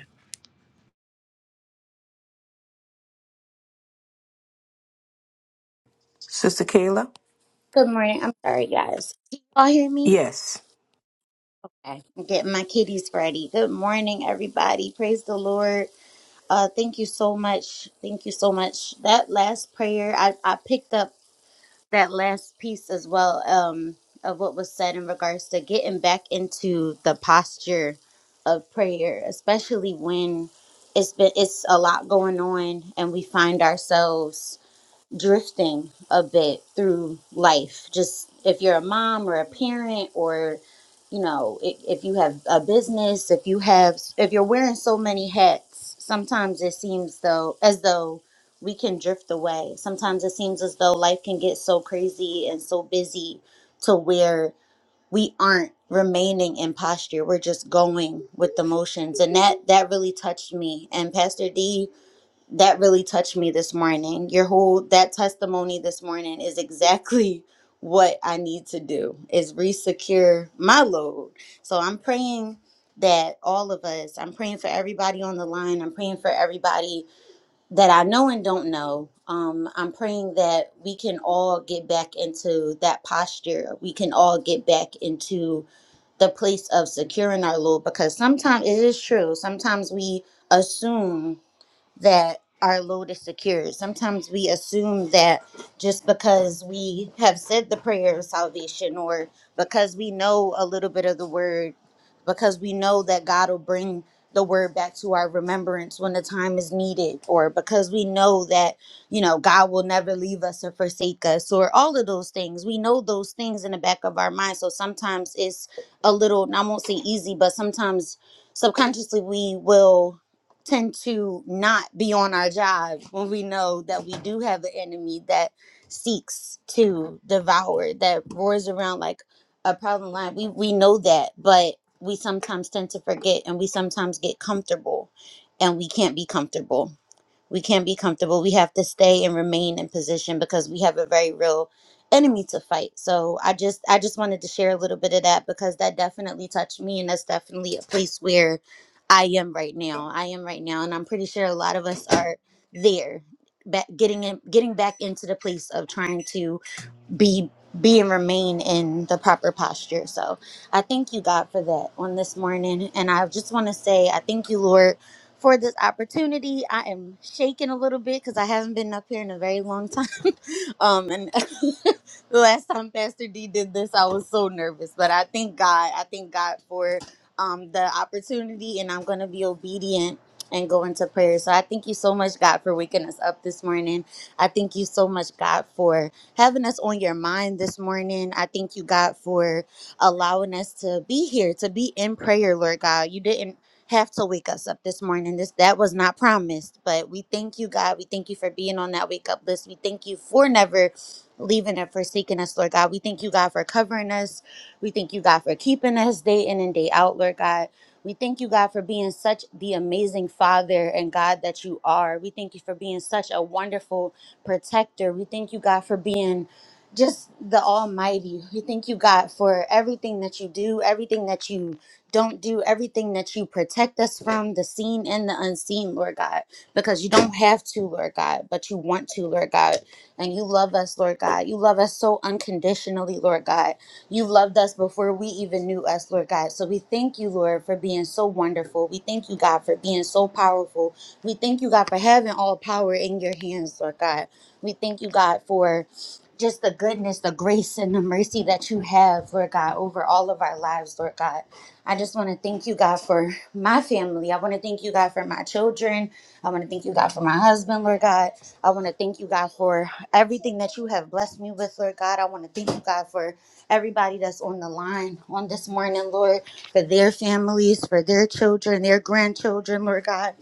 B: Sister Kayla.
G: Good morning. I'm sorry, guys. Can you all hear me?
B: yes
G: Okay. I'm getting my kitties ready. Good morning, everybody. Praise the Lord. Uh, thank you so much. Thank you so much. That last prayer, I, I picked up that last piece as well um, of what was said in regards to getting back into the posture of prayer, especially when it's been it's a lot going on and we find ourselves drifting a bit through life. Just if you're a mom or a parent, or you know, if, if you have a business, if you have, if you're wearing so many hats, sometimes it seems though as though we can drift away. Sometimes it seems as though life can get so crazy and so busy to where we aren't remaining in posture. We're just going with the motions, and that that really touched me. And Pastor D that really touched me this morning. Your whole that testimony this morning is exactly [LAUGHS] what I need to do is resecure my load. So I'm praying that all of us, I'm praying for everybody on the line. I'm praying for everybody that I know and don't know. Um, I'm praying that we can all get back into that posture. We can all get back into the place of securing our load because sometimes it is true. Sometimes we assume that our load is secured. Sometimes we assume that just because we have said the prayer of salvation or because we know a little bit of the word, because we know that God will bring the word back to our remembrance when the time is needed, or because we know that, you know, God will never leave us or forsake us, or all of those things. We know those things in the back of our mind. So sometimes it's a little, and I won't say easy, but sometimes subconsciously we will tend to not be on our job when we know that we do have an enemy that seeks to devour, that roars around like a problem lion. We we know that, but we sometimes tend to forget and we sometimes get comfortable and we can't be comfortable we can't be comfortable. We have to stay and remain in position because we have a very real enemy to fight. So I just I just wanted to share a little bit of that because that definitely touched me and that's definitely a place where I am right now. I am right now and I'm pretty sure a lot of us are there. Back, getting in, getting back into the place of trying to be be and remain in the proper posture. So I thank you, God, for that on this morning. And I just want to say, I thank you, Lord, for this opportunity. I am shaking a little bit because I haven't been up here in a very long time. Um, and [LAUGHS] the last time Pastor D did this, I was so nervous, but I thank God. I thank God for um the opportunity, and I'm gonna be obedient and go into prayer. So I thank you so much, God, for waking us up this morning. I thank you so much, God, for having us on your mind this morning. I thank you, God, for allowing us to be here, to be in prayer, Lord God. You didn't have to wake us up this morning. This that was not promised, but we thank you, God. We thank you for being on that wake up list. We thank you for never leaving and forsaking us, Lord God. We thank you, God, for covering us. We thank you, God, for keeping us day in and day out, Lord God. We thank you, God, for being such the amazing Father and God that you are. We thank you for being such a wonderful protector. We thank you, God, for being just the Almighty. We thank you, God, for everything that you do, everything that you don't do everything that you protect us from, the seen and the unseen, Lord God, because you don't have to, Lord God, but you want to, Lord God. And you love us, Lord God. You love us so unconditionally, Lord God. You loved us before we even knew us, Lord God. So we thank you, Lord, for being so wonderful. We thank you, God, for being so powerful. We thank you, God, for having all power in your hands, Lord God. We thank you, God, for just the goodness, the grace, and the mercy that you have, Lord God, over all of our lives, Lord God. I just want to thank you, God, for my family. I want to thank you, God, for my children. I want to thank you, God, for my husband, Lord God. I want to thank you, God, for everything that you have blessed me with, Lord God. I want to thank you, God, for everybody that's on the line on this morning, Lord, for their families, for their children, their grandchildren, Lord God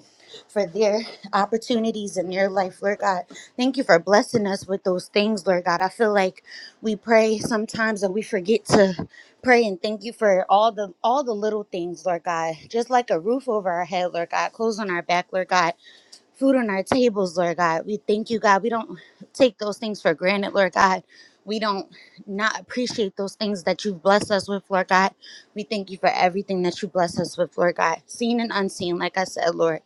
G: for their opportunities in their life, Lord God. Thank you for blessing us with those things, Lord God. I feel like we pray sometimes and we forget to pray and thank you for all the all the little things, Lord God. Just like a roof over our head, Lord God, clothes on our back, Lord God food on our tables, Lord God. We thank you, God. We don't take those things for granted, Lord God. We don't not appreciate those things that you've blessed us with, Lord God. We thank you for everything that you bless us with, Lord God, seen and unseen, like I said, Lord.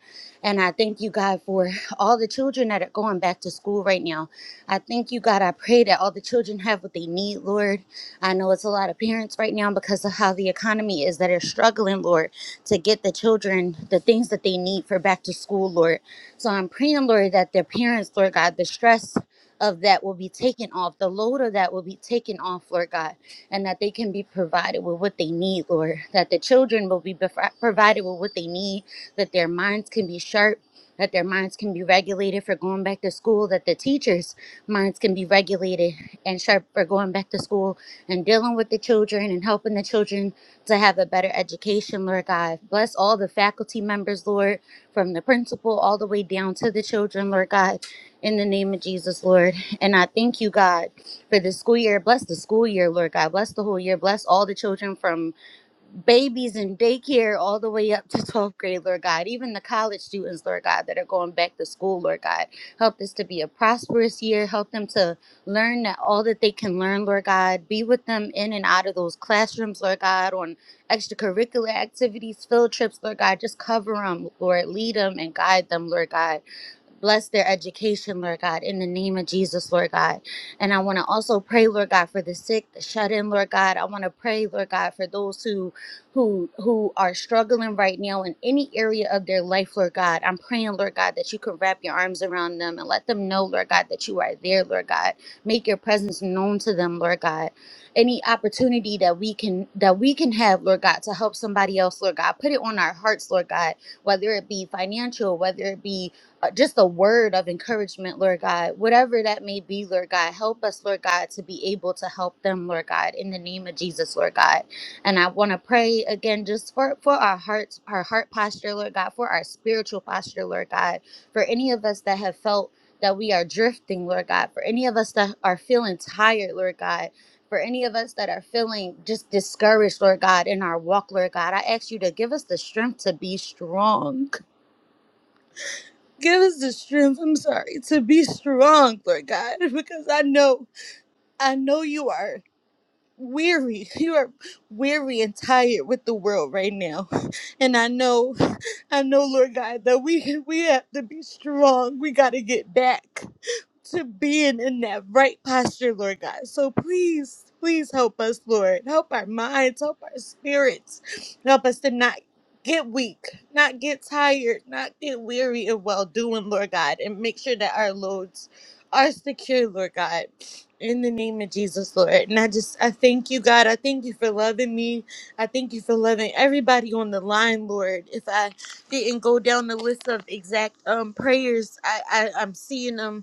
G: And I thank you, God, for all the children that are going back to school right now. I thank you, God. I pray that all the children have what they need, Lord. I know it's a lot of parents right now because of how the economy is that are struggling, Lord, to get the children the things that they need for back to school, Lord. So I'm praying, Lord, that their parents, Lord God, the stress of that will be taken off, the load of that will be taken off, Lord God, and that they can be provided with what they need, Lord, that the children will be bef- provided with what they need, that their minds can be sharp. That their minds can be regulated for going back to school, that the teachers' minds can be regulated and sharp for going back to school and dealing with the children and helping the children to have a better education, Lord God. Bless all the faculty members, Lord from the principal all the way down to the children, Lord God, in the name of Jesus, Lord. And I thank you, God, for this school year. Bless the school year, Lord God. Bless the whole year. Bless all the children from babies in daycare all the way up to 12th grade, Lord God, even the college students, Lord God, that are going back to school, Lord God. Help this to be a prosperous year. Help them to learn that all that they can learn, Lord God. Be with them in and out of those classrooms, Lord God, on extracurricular activities, field trips, Lord God. Just cover them, Lord. Lead them and guide them, Lord God. Bless their education, Lord God, in the name of Jesus, Lord God. And I want to also pray, Lord God, for the sick, the shut in, Lord God. I want to pray, Lord God, for those who who who are struggling right now in any area of their life, Lord God. I'm praying, Lord God, that you can wrap your arms around them and let them know, Lord God, that you are there, Lord God. Make your presence known to them, Lord God. Any opportunity that we can that we can have, Lord God, to help somebody else, Lord God. Put it on our hearts, Lord God, whether it be financial, whether it be uh, just a word of encouragement, Lord God, whatever that may be, Lord God, help us, Lord God, to be able to help them, Lord God, in the name of Jesus, Lord God. And I want to pray again just for, for our hearts, our heart posture, Lord God, for our spiritual posture, Lord God, for any of us that have felt that we are drifting, Lord God, for any of us that are feeling tired, Lord God. For any of us that are feeling just discouraged, Lord God, in our walk, Lord God, I ask you to give us the strength to be strong Give us the strength, I'm sorry, to be strong, Lord God, [LAUGHS] because I know, I know you are weary. [LAUGHS] You are weary and tired with the world right now. [LAUGHS] And I know, [LAUGHS] I know, Lord God, that we [LAUGHS] we have to be strong. We gotta get back to being in that right posture, Lord God. So please, please help us, Lord. Help our minds, help our spirits. Help us to not get weak, not get tired, not get weary of well doing, Lord God, and make sure that our loads are secure, Lord God. In the name of Jesus, Lord. And I just, I thank you, God. I thank you for loving me. I thank you for loving everybody on the line, Lord. If I didn't go down the list of exact um prayers, I, I I'm seeing them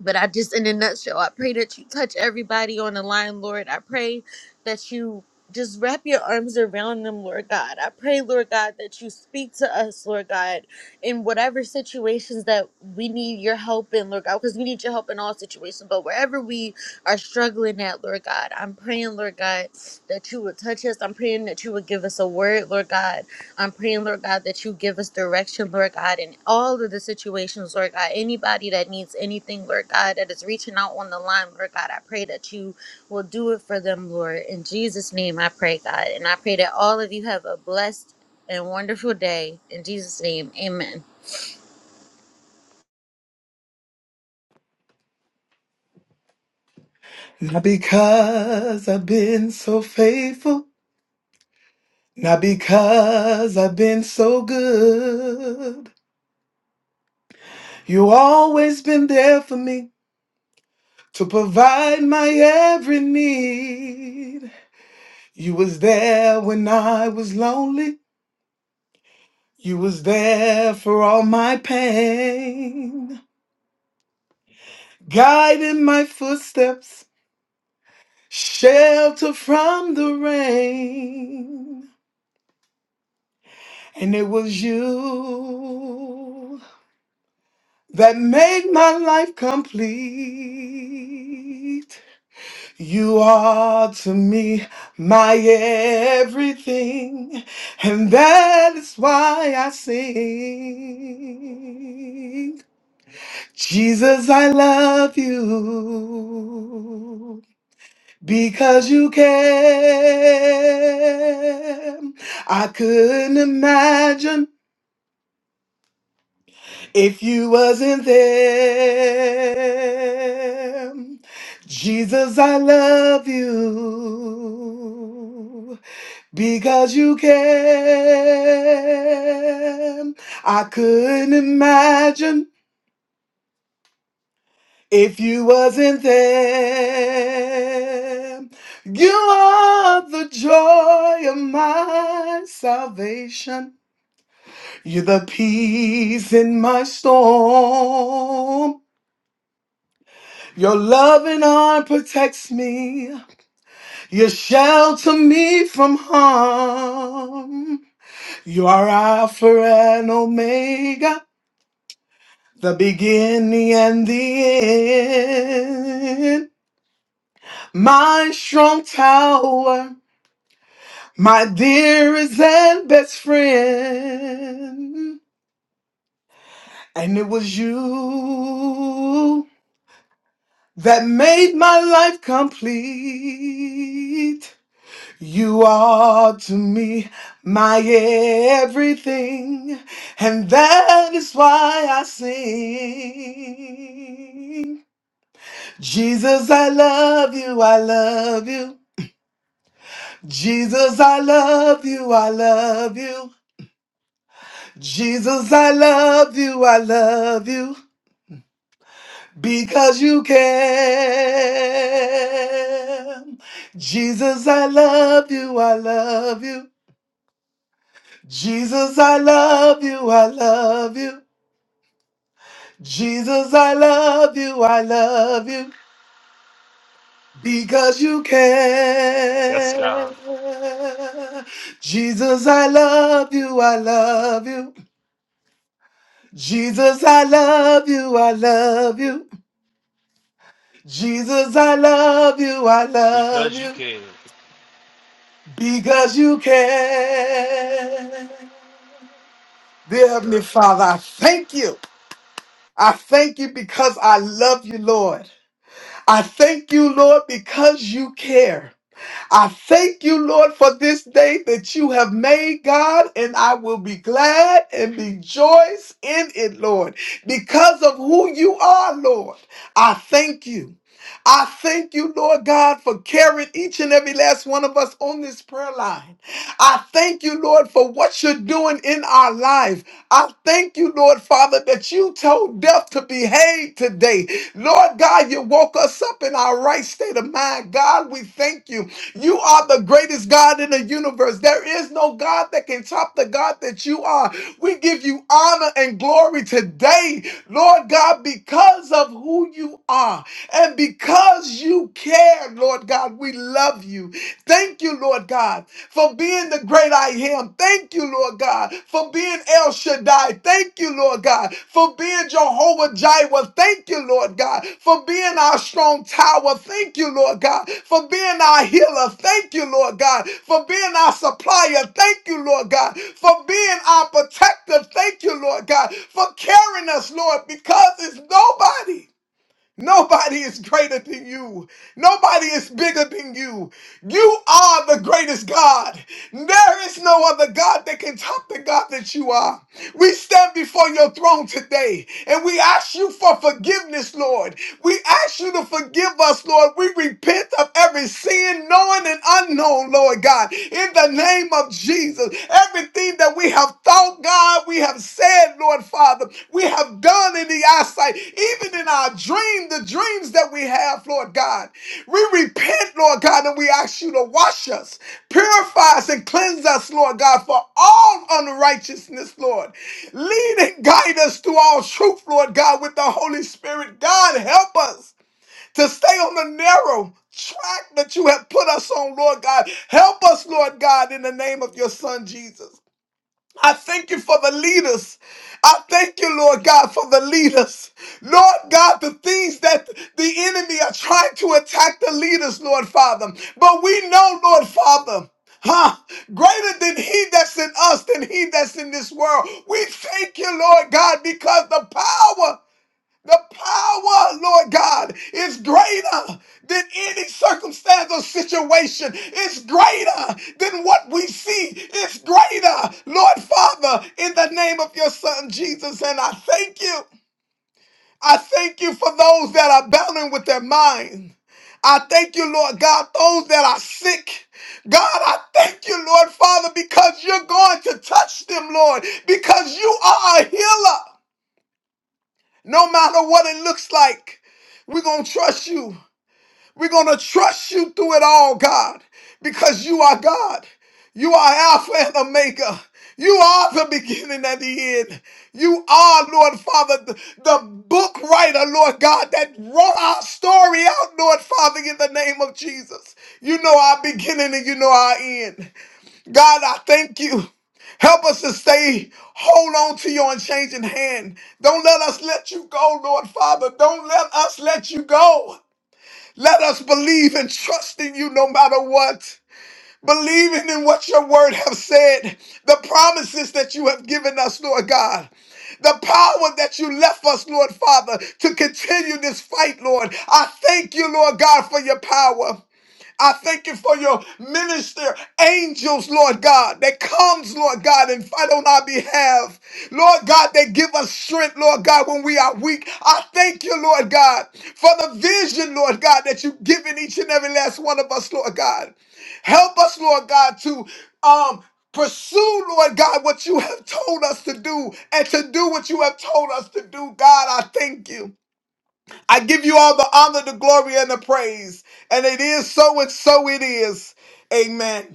G: but I just, in a nutshell, I pray that you touch everybody on the line, Lord. I pray that you just wrap your arms around them, Lord God. I pray, Lord God, that you speak to us, Lord God, in whatever situations that we need your help in, Lord God, because we need your help in all situations. But wherever we are struggling at, Lord God, I'm praying, Lord God, that you would touch us. I'm praying that you would give us a word, Lord God I'm praying, Lord God, that you give us direction, Lord God, in all of the situations, Lord God. Anybody that needs anything, Lord God, that is reaching out on the line, Lord God, I pray that you will do it for them, Lord. In Jesus' name, I pray, God. And I pray that all of you have a blessed and wonderful day. In Jesus' name, amen.
H: Not because I've been so faithful, not because I've been so good. You always been there for me to provide my every need. You was there when I was lonely. You was there for all my pain, guiding my footsteps, shelter from the rain. And it was you. that made my life complete. You are to me my everything, and that is why I sing. Jesus, I love you because you care. I couldn't imagine If you wasn't there, Jesus, I love you because you care. I couldn't imagine if you wasn't there. You are the joy of my salvation. You're the peace in my storm. Your loving arm protects me. You shelter me from harm. You are Alpha and Omega, the beginning and the end. My strong tower, my dearest and best friend. And it was you that made my life complete. You are to me my everything, and that is why I sing. Jesus, I love you, I love you. Jesus, I love you, I love you. Jesus, I love you, I love you. Because you care. Jesus, I love you, I love you. Jesus, I love you, I love you. Jesus, I love you, I love you. Because you
D: Yes,
H: care.
D: God.
H: Jesus, I love you, I love you. Jesus, I love you, I love you. Jesus, I love you, I love
D: Because you
H: you.
D: can.
H: Because you care. Dear
D: Yes,
H: Heavenly
D: God.
H: Father, I thank you. I thank you because I love you, Lord. I thank you, Lord, because you care. I thank you, Lord, for this day that you have made, God, and I will be glad and rejoice in it, Lord, because of who you are, Lord. I thank you. I thank you, Lord God, for carrying each and every last one of us on this prayer line. I thank you, Lord, for what you're doing in our life. I thank you, Lord Father, that you told death to behave today. Lord God, you woke us up in our right state of mind. God, we thank you. You are the greatest God in the universe. There is no God that can top the God that you are. We give you honor and glory today, Lord God, because of who you are and because you care, Lord God. We love you. Thank you, Lord God, for being the great I am. Thank you, Lord God, for being El Shaddai. Thank you, Lord God, for being Jehovah Jireh. Thank you, Lord God, for being our strong tower. Thank you, Lord God, for being our healer. Thank you, Lord God, for being our supplier. Thank you, Lord God, for being our protector. Thank you, Lord God, for carrying us, Lord, because it's nobody. Nobody is greater than you. Nobody is bigger than you. You are the greatest God. There is no other God that can top the God that you are. We stand before your throne today and we ask you for forgiveness, Lord. We ask you to forgive us, Lord. We repent of every sin, knowing and unknown, Lord God. In the name of Jesus, everything that we have thought, God, we have said, Lord Father, we have done in the eyesight, even in our dream, the dreams that we have, Lord God. We repent, Lord God, and we ask you to wash us, purify us, and cleanse us, Lord God, for all unrighteousness, Lord. Lead and guide us to all truth, Lord God, with the Holy Spirit. God, help us to stay on the narrow track that you have put us on, Lord God. Help us, Lord God, in the name of your Son, Jesus. I thank you for the leaders. I thank you, Lord God, for the leaders. Lord God, the things that the enemy are trying to attack the leaders, Lord Father. But we know, Lord Father, huh? Greater than he that's in us, than he that's in this world. We thank you, Lord God, because the power the power, Lord God, is greater than any circumstance or situation. It's greater than what we see. It's greater, Lord Father, in the name of your Son Jesus. And I thank you. I thank you for those that are battling with their mind. I thank you, Lord God, those that are sick. God, I thank you, Lord Father, because you're going to touch them, Lord, because you are a healer. No matter what it looks like, we're going to trust you. We're going to trust you through it all, God, because you are God. You are Alpha and Omega. You are the beginning and the end. You are, Lord Father, the, the book writer, Lord God, that wrote our story out, Lord Father, in the name of Jesus. You know our beginning and you know our end. God, I thank you. Help us to stay, hold on to your unchanging hand. Don't let us let you go, Lord Father. Don't let us let you go. Let us believe and trust in you no matter what. Believing in what your word have said, the promises that you have given us, Lord God. The power that you left us, Lord Father, to continue this fight, Lord. I thank you, Lord God, for your power. I thank you for your minister angels, Lord God, that comes, Lord God, and fight on our behalf. Lord God, that give us strength, Lord God, when we are weak. I thank you, Lord God, for the vision, Lord God, that you've given each and every last one of us, Lord God. Help us, Lord God, to um pursue, Lord God, what you have told us to do and to do what you have told us to do. God, I thank you. I give you all the honor, the glory, and the praise. And it is so, and so it is. Amen.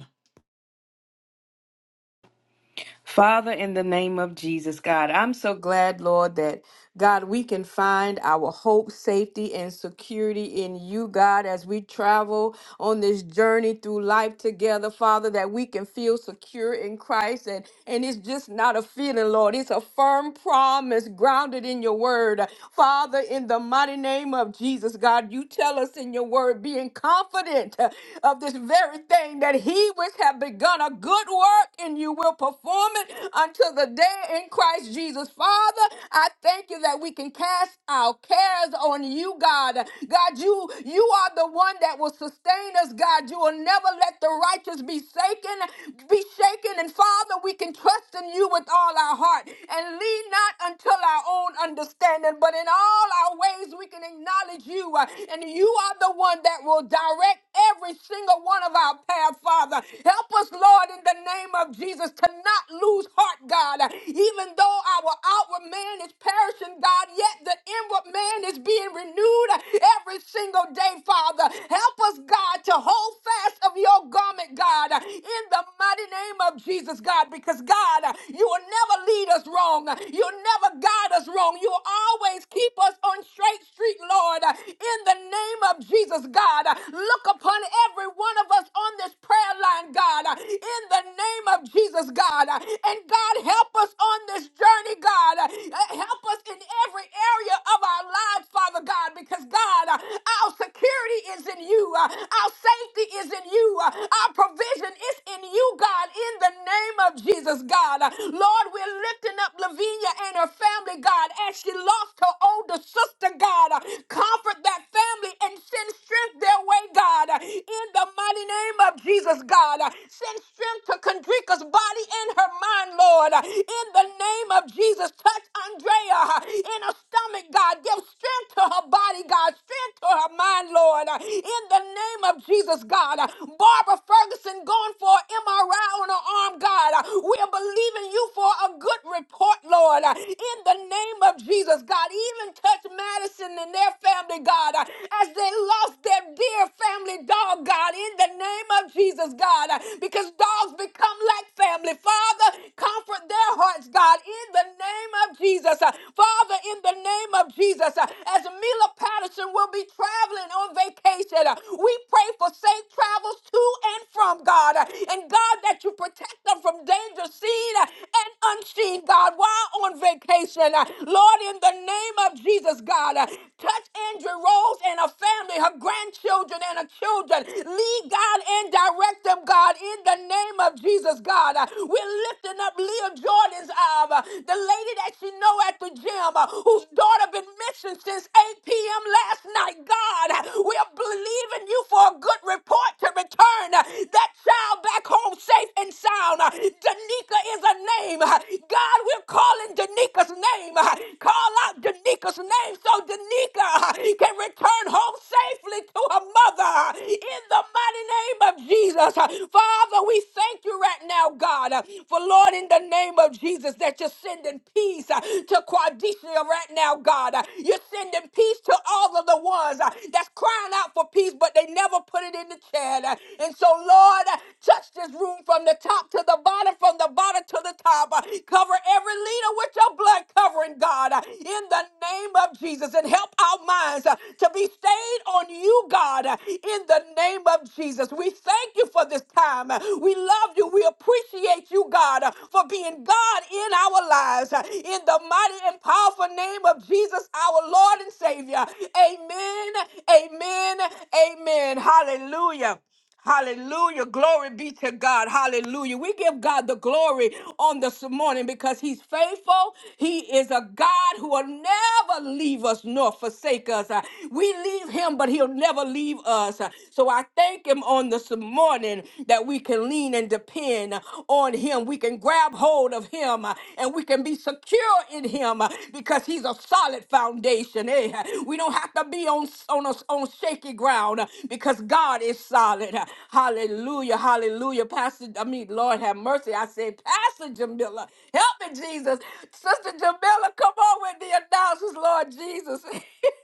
B: Father, in the name of Jesus, God, I'm so glad, Lord, that God, we can find our hope, safety, and security in you, God, as we travel on this journey through life together, Father, that we can feel secure in Christ. And, and it's just not a feeling, Lord. It's a firm promise grounded in your word. Father, in the mighty name of Jesus, God, you tell us in your word, being confident uh, of this very thing that he which have begun a good work in you you will perform it until the day in Christ Jesus. Father, I thank you that we can cast our cares on you, God. God, you you are the one that will sustain us, God. You will never let the righteous be shaken, be shaken. And Father, we can trust in you with all our heart and lean not until our own understanding, but in all our ways we can acknowledge you. uh, And you are the one that will direct every single one of our path, Father. Help us, Lord, in the name name of Jesus, to not lose heart, God. Even though our outward man is perishing, God, yet the inward man is being renewed every single day, Father. Help us, God, to hold fast of your garment, God, in the mighty name of Jesus, God, because, God, you will never lead us wrong. You'll never guide us wrong. You'll always keep us on straight street, Lord, in the name of Jesus, God. Look upon every one of us on this prayer line, God in the name of Jesus, God. And God, help us on this journey, God. Uh, Help us in every area of our lives, Father God, because God, uh, our security is in you, Uh, our safety is in you, Uh, our provision is in you, God, in the name of Jesus, God. Uh, Lord, we're lifting up Lavinia and her family, God, as she lost her older sister, God. Uh, Comfort that family and send strength their way, God, uh, in the mighty name of Jesus, God. God. Send strength to Kendrika's body and her mind, Lord. In the name of Jesus, touch Andrea in her stomach, God. Give strength to her body, God. Strength to her mind, Lord. In the name of Jesus, God. Barbara Ferguson going for an MRI on her arm, God. We are believing you for a good report, Lord. In the name of Jesus, God. Even touch Madison and their family, God, as they lost their dear family dog, God. In the name name of Jesus, God, because dogs become like family. Father, comfort their hearts, God, in the name of Jesus. Father, in the name of Jesus, as Mila Patterson will be traveling on vacation, we pray for safe travels to and from, God. And God, that you protect them from danger seen and unseen, God, while on vacation. Lord, in the name of Jesus, God, touch Andrew Rose and her family, her grandchildren and her children. Lead lead, God, and direct them, God, in the name of Jesus, God. Uh, We're lifting up Leah Jordan's um, uh, the lady that you know at the gym, uh, whose daughter been missing since 8 p.m. last night, God. uh, We're believing you for a good report to return uh, that child back home safe and sound. Uh, Danica is a name. Uh, God, we're calling Danica's name. Uh, Call out Danica's name so Danica uh, can return home safely to her mother. Uh, In the mighty name of Jesus. Uh, Father, we thank you right now, God, uh, for Lord, in the name of Jesus, that you're sending peace uh, to Quadisha right now, God. Uh, You're sending peace peace to all of the ones uh, that's crying out for peace, but they never put it in the chat. uh, And so, Lord, uh, touch this room from the top to the bottom, from the bottom to the top. uh, Cover every leader with your blood covering, God, uh, in the name of Jesus. And help our minds uh, to be stayed on you, God, uh, in the name of Jesus. We thank you for this time. uh, We love you. We appreciate you, God, uh, for being God in our lives uh, in the mighty and powerful name of Jesus, our Lord and Savior. Amen, amen, amen. Hallelujah. Hallelujah. Glory be to God. Hallelujah. We give God the glory on this morning because He's faithful. He is a God who will never leave us nor forsake us. Uh, We leave Him, but He'll never leave us. Uh, So I thank Him on this morning that we can lean and depend on him. We can grab hold of him uh, and we can be secure in him uh, because he's a solid foundation. eh? We don't have to be on, on, a, on shaky ground uh, because God is solid. Uh, Hallelujah. Hallelujah. Pastor, I mean, Lord have mercy. I said, Pastor Jamila, help me, Jesus. Sister Jamila, come on with the announcements, Lord Jesus.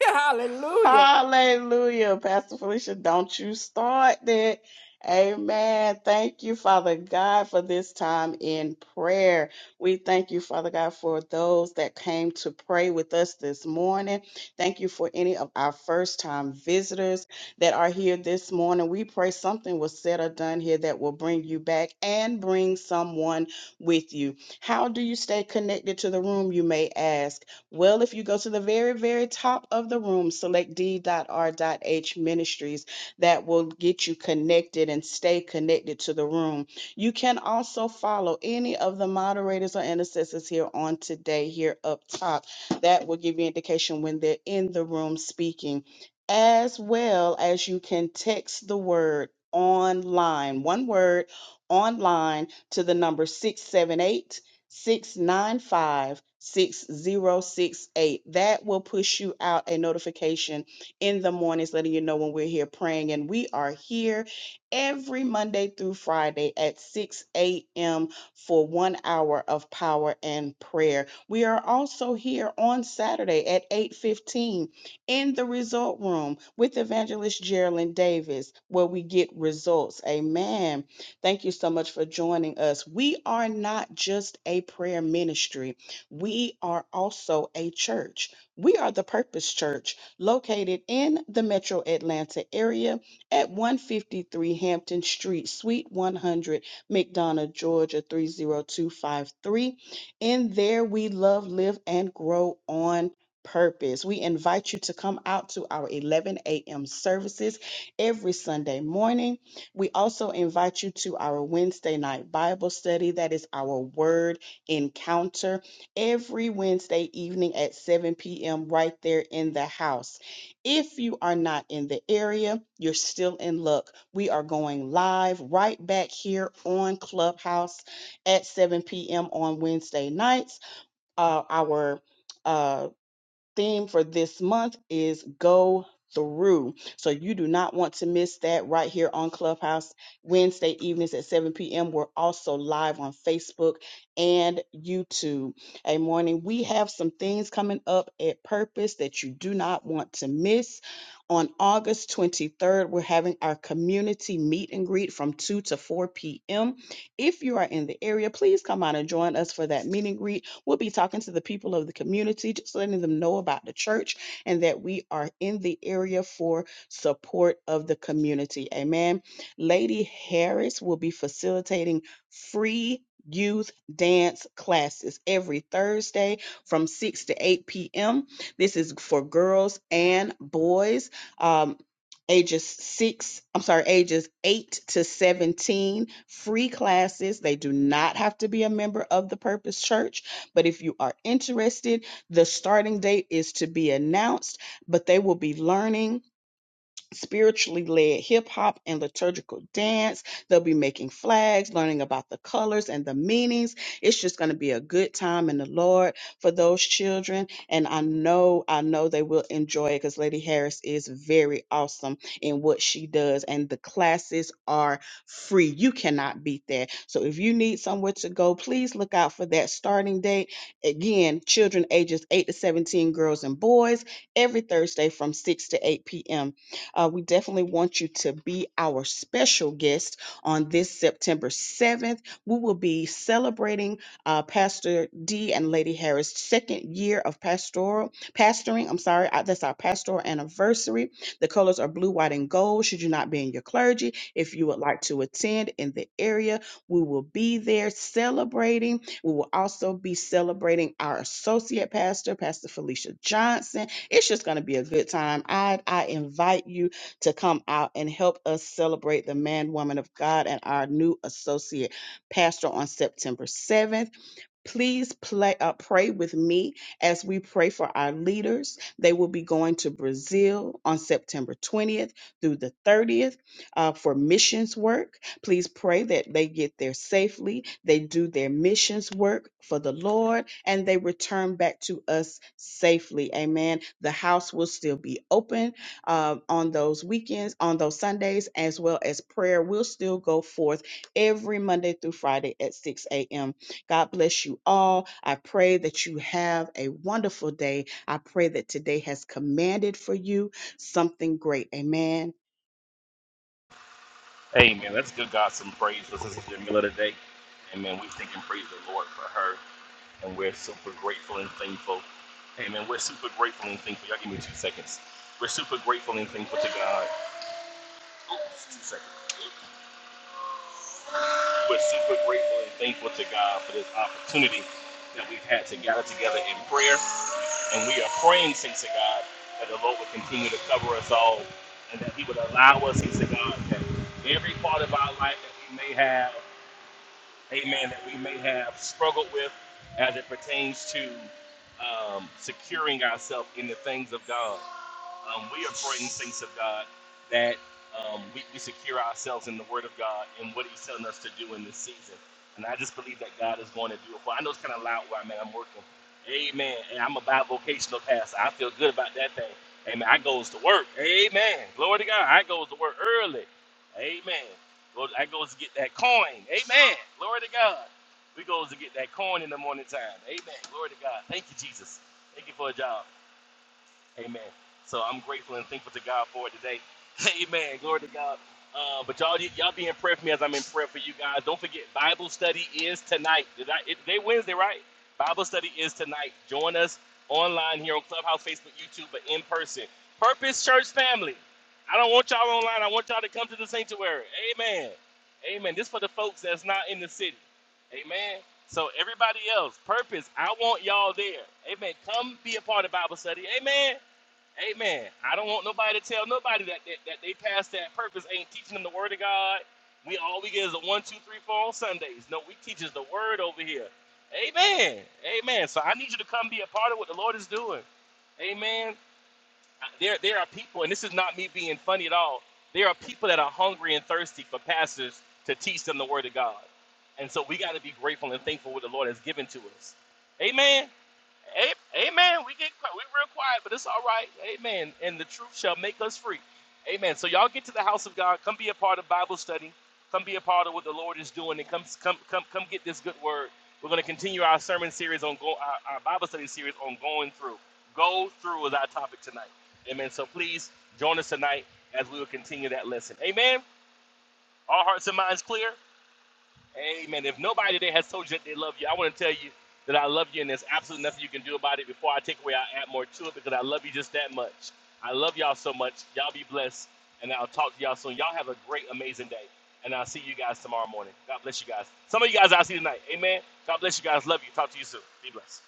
B: [LAUGHS] Hallelujah.
A: Hallelujah, Pastor Felicia. Don't you start that. Amen. Thank you, Father God, for this time in prayer. We thank you, Father God, for those that came to pray with us this morning. Thank you for any of our first time visitors that are here this morning. We pray something was said or done here that will bring you back and bring someone with you. How do you stay connected to the room, you may ask? Well, if you go to the very, very top of the room, select d.r.h ministries, that will get you connected and stay connected to the room. You can also follow any of the moderators or intercessors here on today, here up top. That will give you indication when they're in the room speaking, as well as you can text the word online, one word online to the number 678 695 6068. That will push you out a notification in the mornings, letting you know when we're here praying. And we are here every Monday through Friday at 6 a.m. for one hour of power and prayer. We are also here on Saturday at 8:15 in the result room with evangelist Geraldine Davis, where we get results. Amen. Thank you so much for joining us. We are not just a prayer ministry, we are also a church. We are the Purpose Church, located in the metro Atlanta area at 153 Hampton Street, Suite 100, McDonough, Georgia 30253. In there, we love, live, and grow on purpose. We invite you to come out to our 11 a.m. services every Sunday morning. We also invite you to our Wednesday night Bible study. That is our word encounter every Wednesday evening at 7 p.m. right there in the house. If you are not in the area, you're still in luck. We are going live right back here on Clubhouse at 7 p.m. on Wednesday nights. Uh, our uh, theme for this month is go through. So you do not want to miss that right here on Clubhouse Wednesday evenings at 7 p.m. We're also live on Facebook and YouTube. A morning, we have some things coming up at Purpose that you do not want to miss. On August 23rd, we're having our community meet and greet from 2 to 4 p.m. If you are in the area, please come out and join us for that meet and greet. We'll be talking to the people of the community, just letting them know about the church and that we are in the area for support of the community. Amen. Lady Harris will be facilitating free youth dance classes every Thursday from 6 to 8 p.m. This is for girls and boys. Um, ages six, I'm sorry, ages eight to 17, free classes. They do not have to be a member of the Purpose Church. But if you are interested, the starting date is to be announced, but they will be learning spiritually led hip hop and liturgical dance. They'll be making flags, learning about the colors and the meanings. It's just going to be a good time in the Lord for those children. And I know, I know they will enjoy it because Lady Harris is very awesome in what she does. And the classes are free. You cannot beat that. So if you need somewhere to go, please look out for that starting date. Again, children ages 8 to 17, girls and boys, every Thursday from 6 to 8 p.m. Uh, we definitely want you to be our special guest on this September 7th. We will be celebrating uh, Pastor D and Lady Harris' second year of pastoral pastoring. I'm sorry, uh, that's our pastoral anniversary. The colors are blue, white, and gold. Should you not be in your clergy, if you would like to attend in the area, we will be there celebrating. We will also be celebrating our associate pastor, Pastor Felicia Johnson it's just going to be a good time. I, I invite you to come out and help us celebrate the man, woman of God, and our new associate pastor on September 7th. Please play, uh, pray with me as we pray for our leaders. They will be going to Brazil on September 20th through the 30th uh, for missions work. Please pray that they get there safely, they do their missions work for the Lord, and they return back to us safely. Amen. The house will still be open uh, on those weekends, on those Sundays, as well as prayer will still go forth every Monday through Friday at 6 a.m God bless you all. I pray that you have a wonderful day. I pray that today has commanded for you something great. Amen.
D: Amen. Let's give God some praise for Sister Jamila today. Amen. We thank and praise the Lord for her. and we're super grateful and thankful. Hey man, we're super grateful and thankful. Y'all give me two seconds. We're super grateful and thankful to God. Oops, two seconds. We're super grateful and thankful to God for this opportunity that we've had to gather together in prayer. And we are praying, saints to God, that the Lord will continue to cover us all and that He would allow us, saints to God, that every part of our life that we may have. amen, that we may have struggled with as it pertains to um, securing ourselves in the things of God. Um, we are praying, things of God, that um, we, we secure ourselves in the Word of God and what He's telling us to do in this season. And I just believe that God is going to do it. Well, I know it's kind of loud where I'm at. I'm working. Amen. And I'm a vocational pastor. I feel good about that thing. Amen. I goes to work. Amen. Glory to God. I goes to work early. Amen. Go- I goes to get that coin. Amen. Glory to God. We goes to get that coin in the morning time. Amen. Glory to God. Thank you, Jesus. Thank you for a job. Amen. So I'm grateful and thankful to God for it today. [LAUGHS] Amen. Glory to God. Uh, but y'all, y'all be in prayer for me as I'm in prayer for you guys. Don't forget, Bible study is tonight. Did I, it, they Wednesday, right? Bible study is tonight. Join us online here on Clubhouse, Facebook, YouTube, but in person. Purpose Church family. I don't want y'all online. I want y'all to come to the sanctuary. Amen. Amen. This for the folks that's not in the city. Amen. So everybody else, purpose. I want y'all there. Amen. Come be a part of Bible study. Amen. Amen. I don't want nobody to tell nobody that, that, that they passed that purpose ain't teaching them the word of God. We all we get is a one, two, three, four on Sundays. No, we teaches the word over here. Amen. Amen. So I need you to come be a part of what the Lord is doing. Amen. There there are people, and this is not me being funny at all. There are people that are hungry and thirsty for pastors to teach them the word of God. And so we got to be grateful and thankful what the Lord has given to us. Amen. A- Amen. We get qui- we real quiet, but it's all right. Amen. And the truth shall make us free. Amen. So y'all get to the house of God. Come be a part of Bible study. Come be a part of what the Lord is doing, and come come come come get this good word. We're going to continue our sermon series on go, our, our Bible study series on going through. Go through is our topic tonight. Amen. So please join us tonight as we will continue that lesson. Amen. All hearts and minds clear. Amen. If nobody today has told you that they love you, I want to tell you that I love you and there's absolutely nothing you can do about it. Before I take away, I add more to it because I love you just that much. I love y'all so much. Y'all be blessed. And I'll talk to y'all soon. Y'all have a great, amazing day. And I'll see you guys tomorrow morning. God bless you guys. Some of you guys I'll see tonight. Amen. God bless you guys. Love you. Talk to you soon. Be blessed.